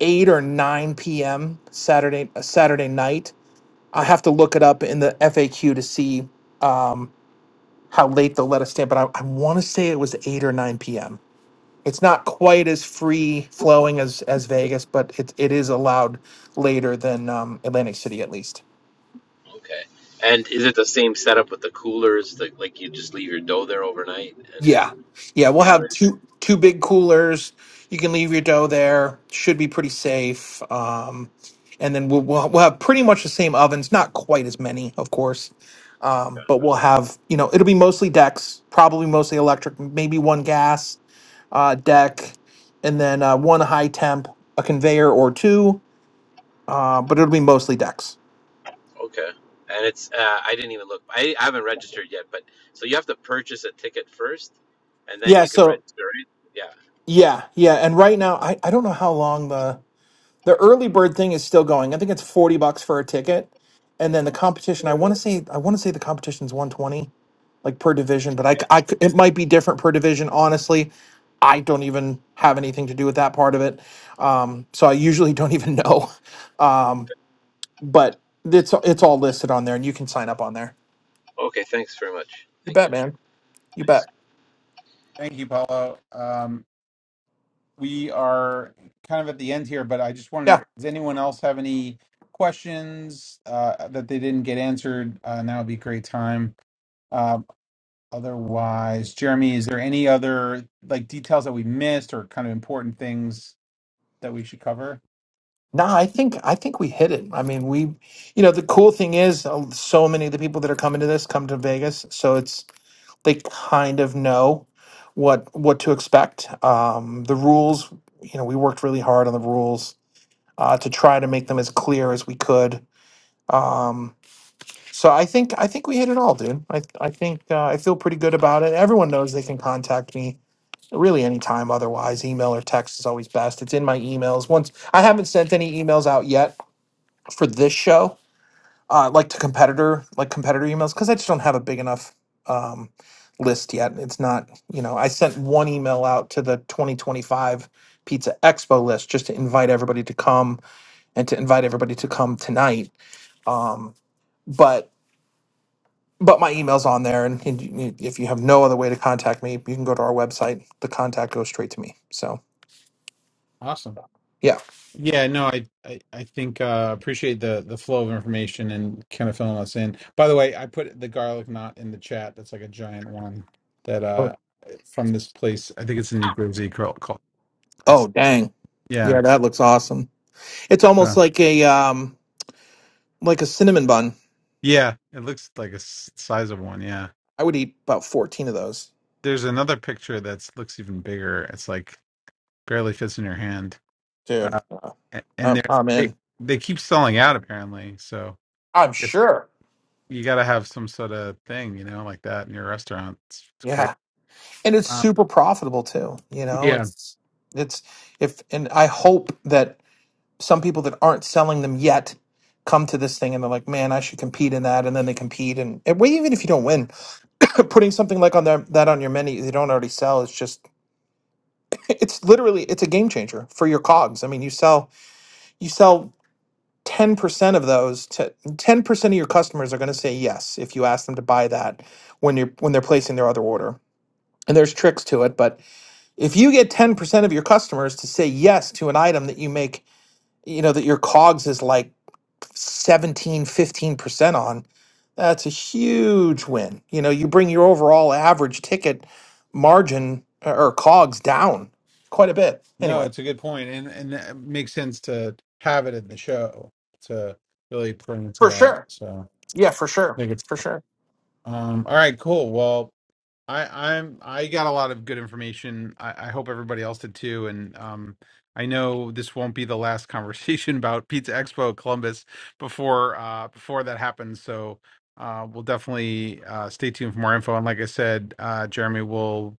8 or 9 p.m. Saturday Saturday night I have to look it up in the FAQ to see um, how late they'll let us stay, but I, I want to say it was eight or nine p.m. It's not quite as free flowing as as Vegas, but it it is allowed later than um, Atlantic City at least.
okay? And is it the same setup with the coolers? Like, like you just leave your dough there overnight? And
Yeah. Yeah, we'll
yeah, I
have
would-
two two big coolers. You can leave your dough there. Should be pretty safe. Um and then we'll we'll, we'll have pretty much the same ovens, not quite as many, of course. Um but we'll have, you know, it'll be mostly decks, probably mostly electric, maybe one gas uh deck and then uh one high temp, a conveyor or two. Uh but it'll be mostly decks.
okay. And it's uh, I didn't even look. I, I haven't registered yet, but so you have to purchase a ticket first, and then
Yeah,
you can
so
register it.
yeah, yeah, and right now I I don't know how long the the early bird thing is still going. I think it's 40 bucks for a ticket. And then the competition, I want to say I want to say the competition's 120 like per division, but I, c- I c- it might be different per division, honestly. I don't even have anything to do with that part of it. Um, so I usually don't even know. Um, but it's it's all listed on there and you can sign up on there.
Okay, thanks very much.
You
Thank
bet,
you.
man. You
Thanks.
bet.
Thank you, Paula. Um, we are kind of at the end here, but I just want to.
Yeah.
Does anyone else have any questions uh, that they didn't get answered? Uh, now would be a great time. Otherwise, Jeremy, is there any other like details that we missed or kind of important things that we should cover?
Nah, I think I think we hit it. I mean, we you know, the cool thing is uh, so many of the people that are coming to this come to Vegas, so it's they kind of know what what to expect. Um, the rules, you know, we worked really hard on the rules uh, to try to make them as clear as we could. Um, so I think I think we hit it all, dude. I I think uh, I feel pretty good about it. Everyone knows they can contact me really anytime. Otherwise, email or text is always best. It's in my emails. Once I haven't sent any emails out yet for this show uh, like to competitor like competitor emails because I just don't have a big enough um, list yet. It's not you know I sent one email out to the 2025 Pizza Expo list just to invite everybody to come and to invite everybody to come tonight. Um, but but my email's on there, and, and you- you- if you have no other way to contact me, you can go to our website. The contact goes straight to me. So
Awesome.
yeah.
Yeah, no, I I, I think uh appreciate the the flow of information and kind of filling us in. By the way, I put the garlic knot in the chat. That's like a giant one that uh
Sure.
from this place. I think it's in New Jersey called called
Oh
place.
dang.
Yeah.
Yeah, that looks awesome. It's almost
So,
like a um like a cinnamon bun.
yeah, it looks like a s- size of one, yeah.
I would eat about 14 of those.
There's another picture that's looks even bigger. It's like barely fits in your hand. Uh,
dude. uh,
a- and
I'm,
they're,
I'm
they
in.
they keep selling out apparently. So
I'm
it's
sure.
you got to have some sort of thing, you know, like that in your restaurant. It's, it's crazy.
Yeah, and it's
Um,
super profitable too. You know,
yeah,
it's it's if and I hope that some people that aren't selling them yet come to this thing and they're like, man, I should compete in that, and then they compete and, and well, even if you don't win, putting something like on their, that on your menu they don't already sell is just it's literally it's a game changer for your cogs. I mean, you sell you sell. 10% of those to 10% of your customers are going to say yes if you ask them to buy that when you're when they're placing their other order and there's tricks to it but if you get 10% of your customers to say yes to an item that you make you know that your cogs is like seventeen, fifteen percent on that's a huge win you know you bring your overall average ticket margin or or cogs down quite a bit
no,
anyway
it's a good point, and and it makes sense to have it in the show to really bring it to
for
that.
sure
So
yeah for
I
sure
think it's
for sure
um all right, cool. Well. I I'm I got a lot of good information. I, I hope everybody else did too. And um, I know this won't be the last conversation about Pizza Expo Columbus before uh, before that happens. So uh, we'll definitely uh, stay tuned for more info. And like I said, uh, Jeremy will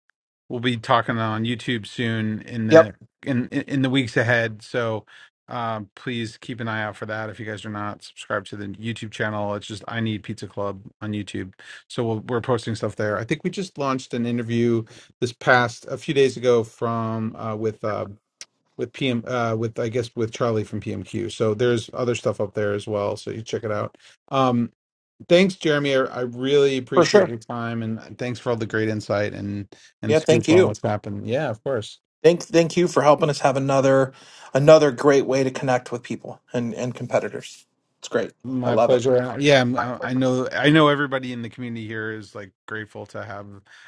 will be talking on YouTube soon in
yep
the in in in the weeks ahead. So uh, please keep an eye out for that. If you guys are not subscribed to the YouTube channel, it's just I need Pizza Club on YouTube so we'll, we're posting stuff there. I think we just launched an interview this past a few days ago from uh, with uh, with PM uh, with I guess with Charlie from PMQ. So there's other stuff up there as well. So you check it out. Um, thanks, Jeremy. I, I really
for
appreciate
sure
your time and thanks for all the great insight and and
yeah thank
scoop on
you
what's happened. Yeah, of course.
Thank thank you for helping us have another another great way to connect with people and and competitors. It's great. I
My
love it.
pleasure. And, Yeah, I'm-
My
I I
pleasure.
know. I know everybody in the community here is like grateful to have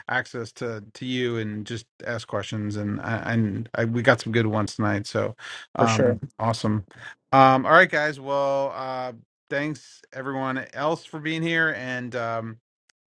access to to you and just ask questions. And I- and I, we got some good ones tonight. So,
For
um,
sure.
awesome. Um, all right, guys. Well, uh, thanks everyone else for being here. And um,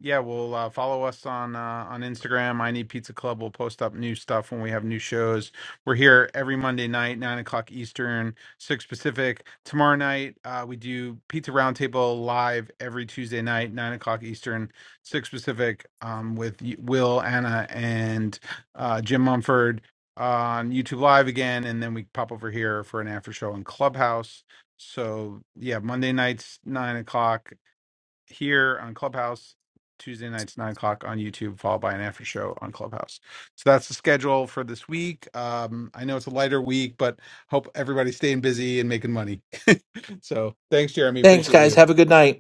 yeah, we'll uh, follow us on uh, on Instagram. I need Pizza Club. We'll post up new stuff when we have new shows. We're here every Monday night, nine o'clock Eastern six Pacific. Tomorrow night, uh, we do Pizza Roundtable live every Tuesday night, nine o'clock Eastern, six Pacific, um, with Y- Will, Anna, and uh, Jim Mumford on YouTube Live again, and then we pop over here for an after show in Clubhouse. So yeah, Monday nights nine o'clock here on Clubhouse Tuesday nights nine o'clock on YouTube, followed by an after show on Clubhouse. So that's the schedule for this week. Um, I know it's a lighter week, but hope everybody's staying busy and making money. so thanks, Jeremy.
Thanks
Appreciate you.
guys. Have a good night.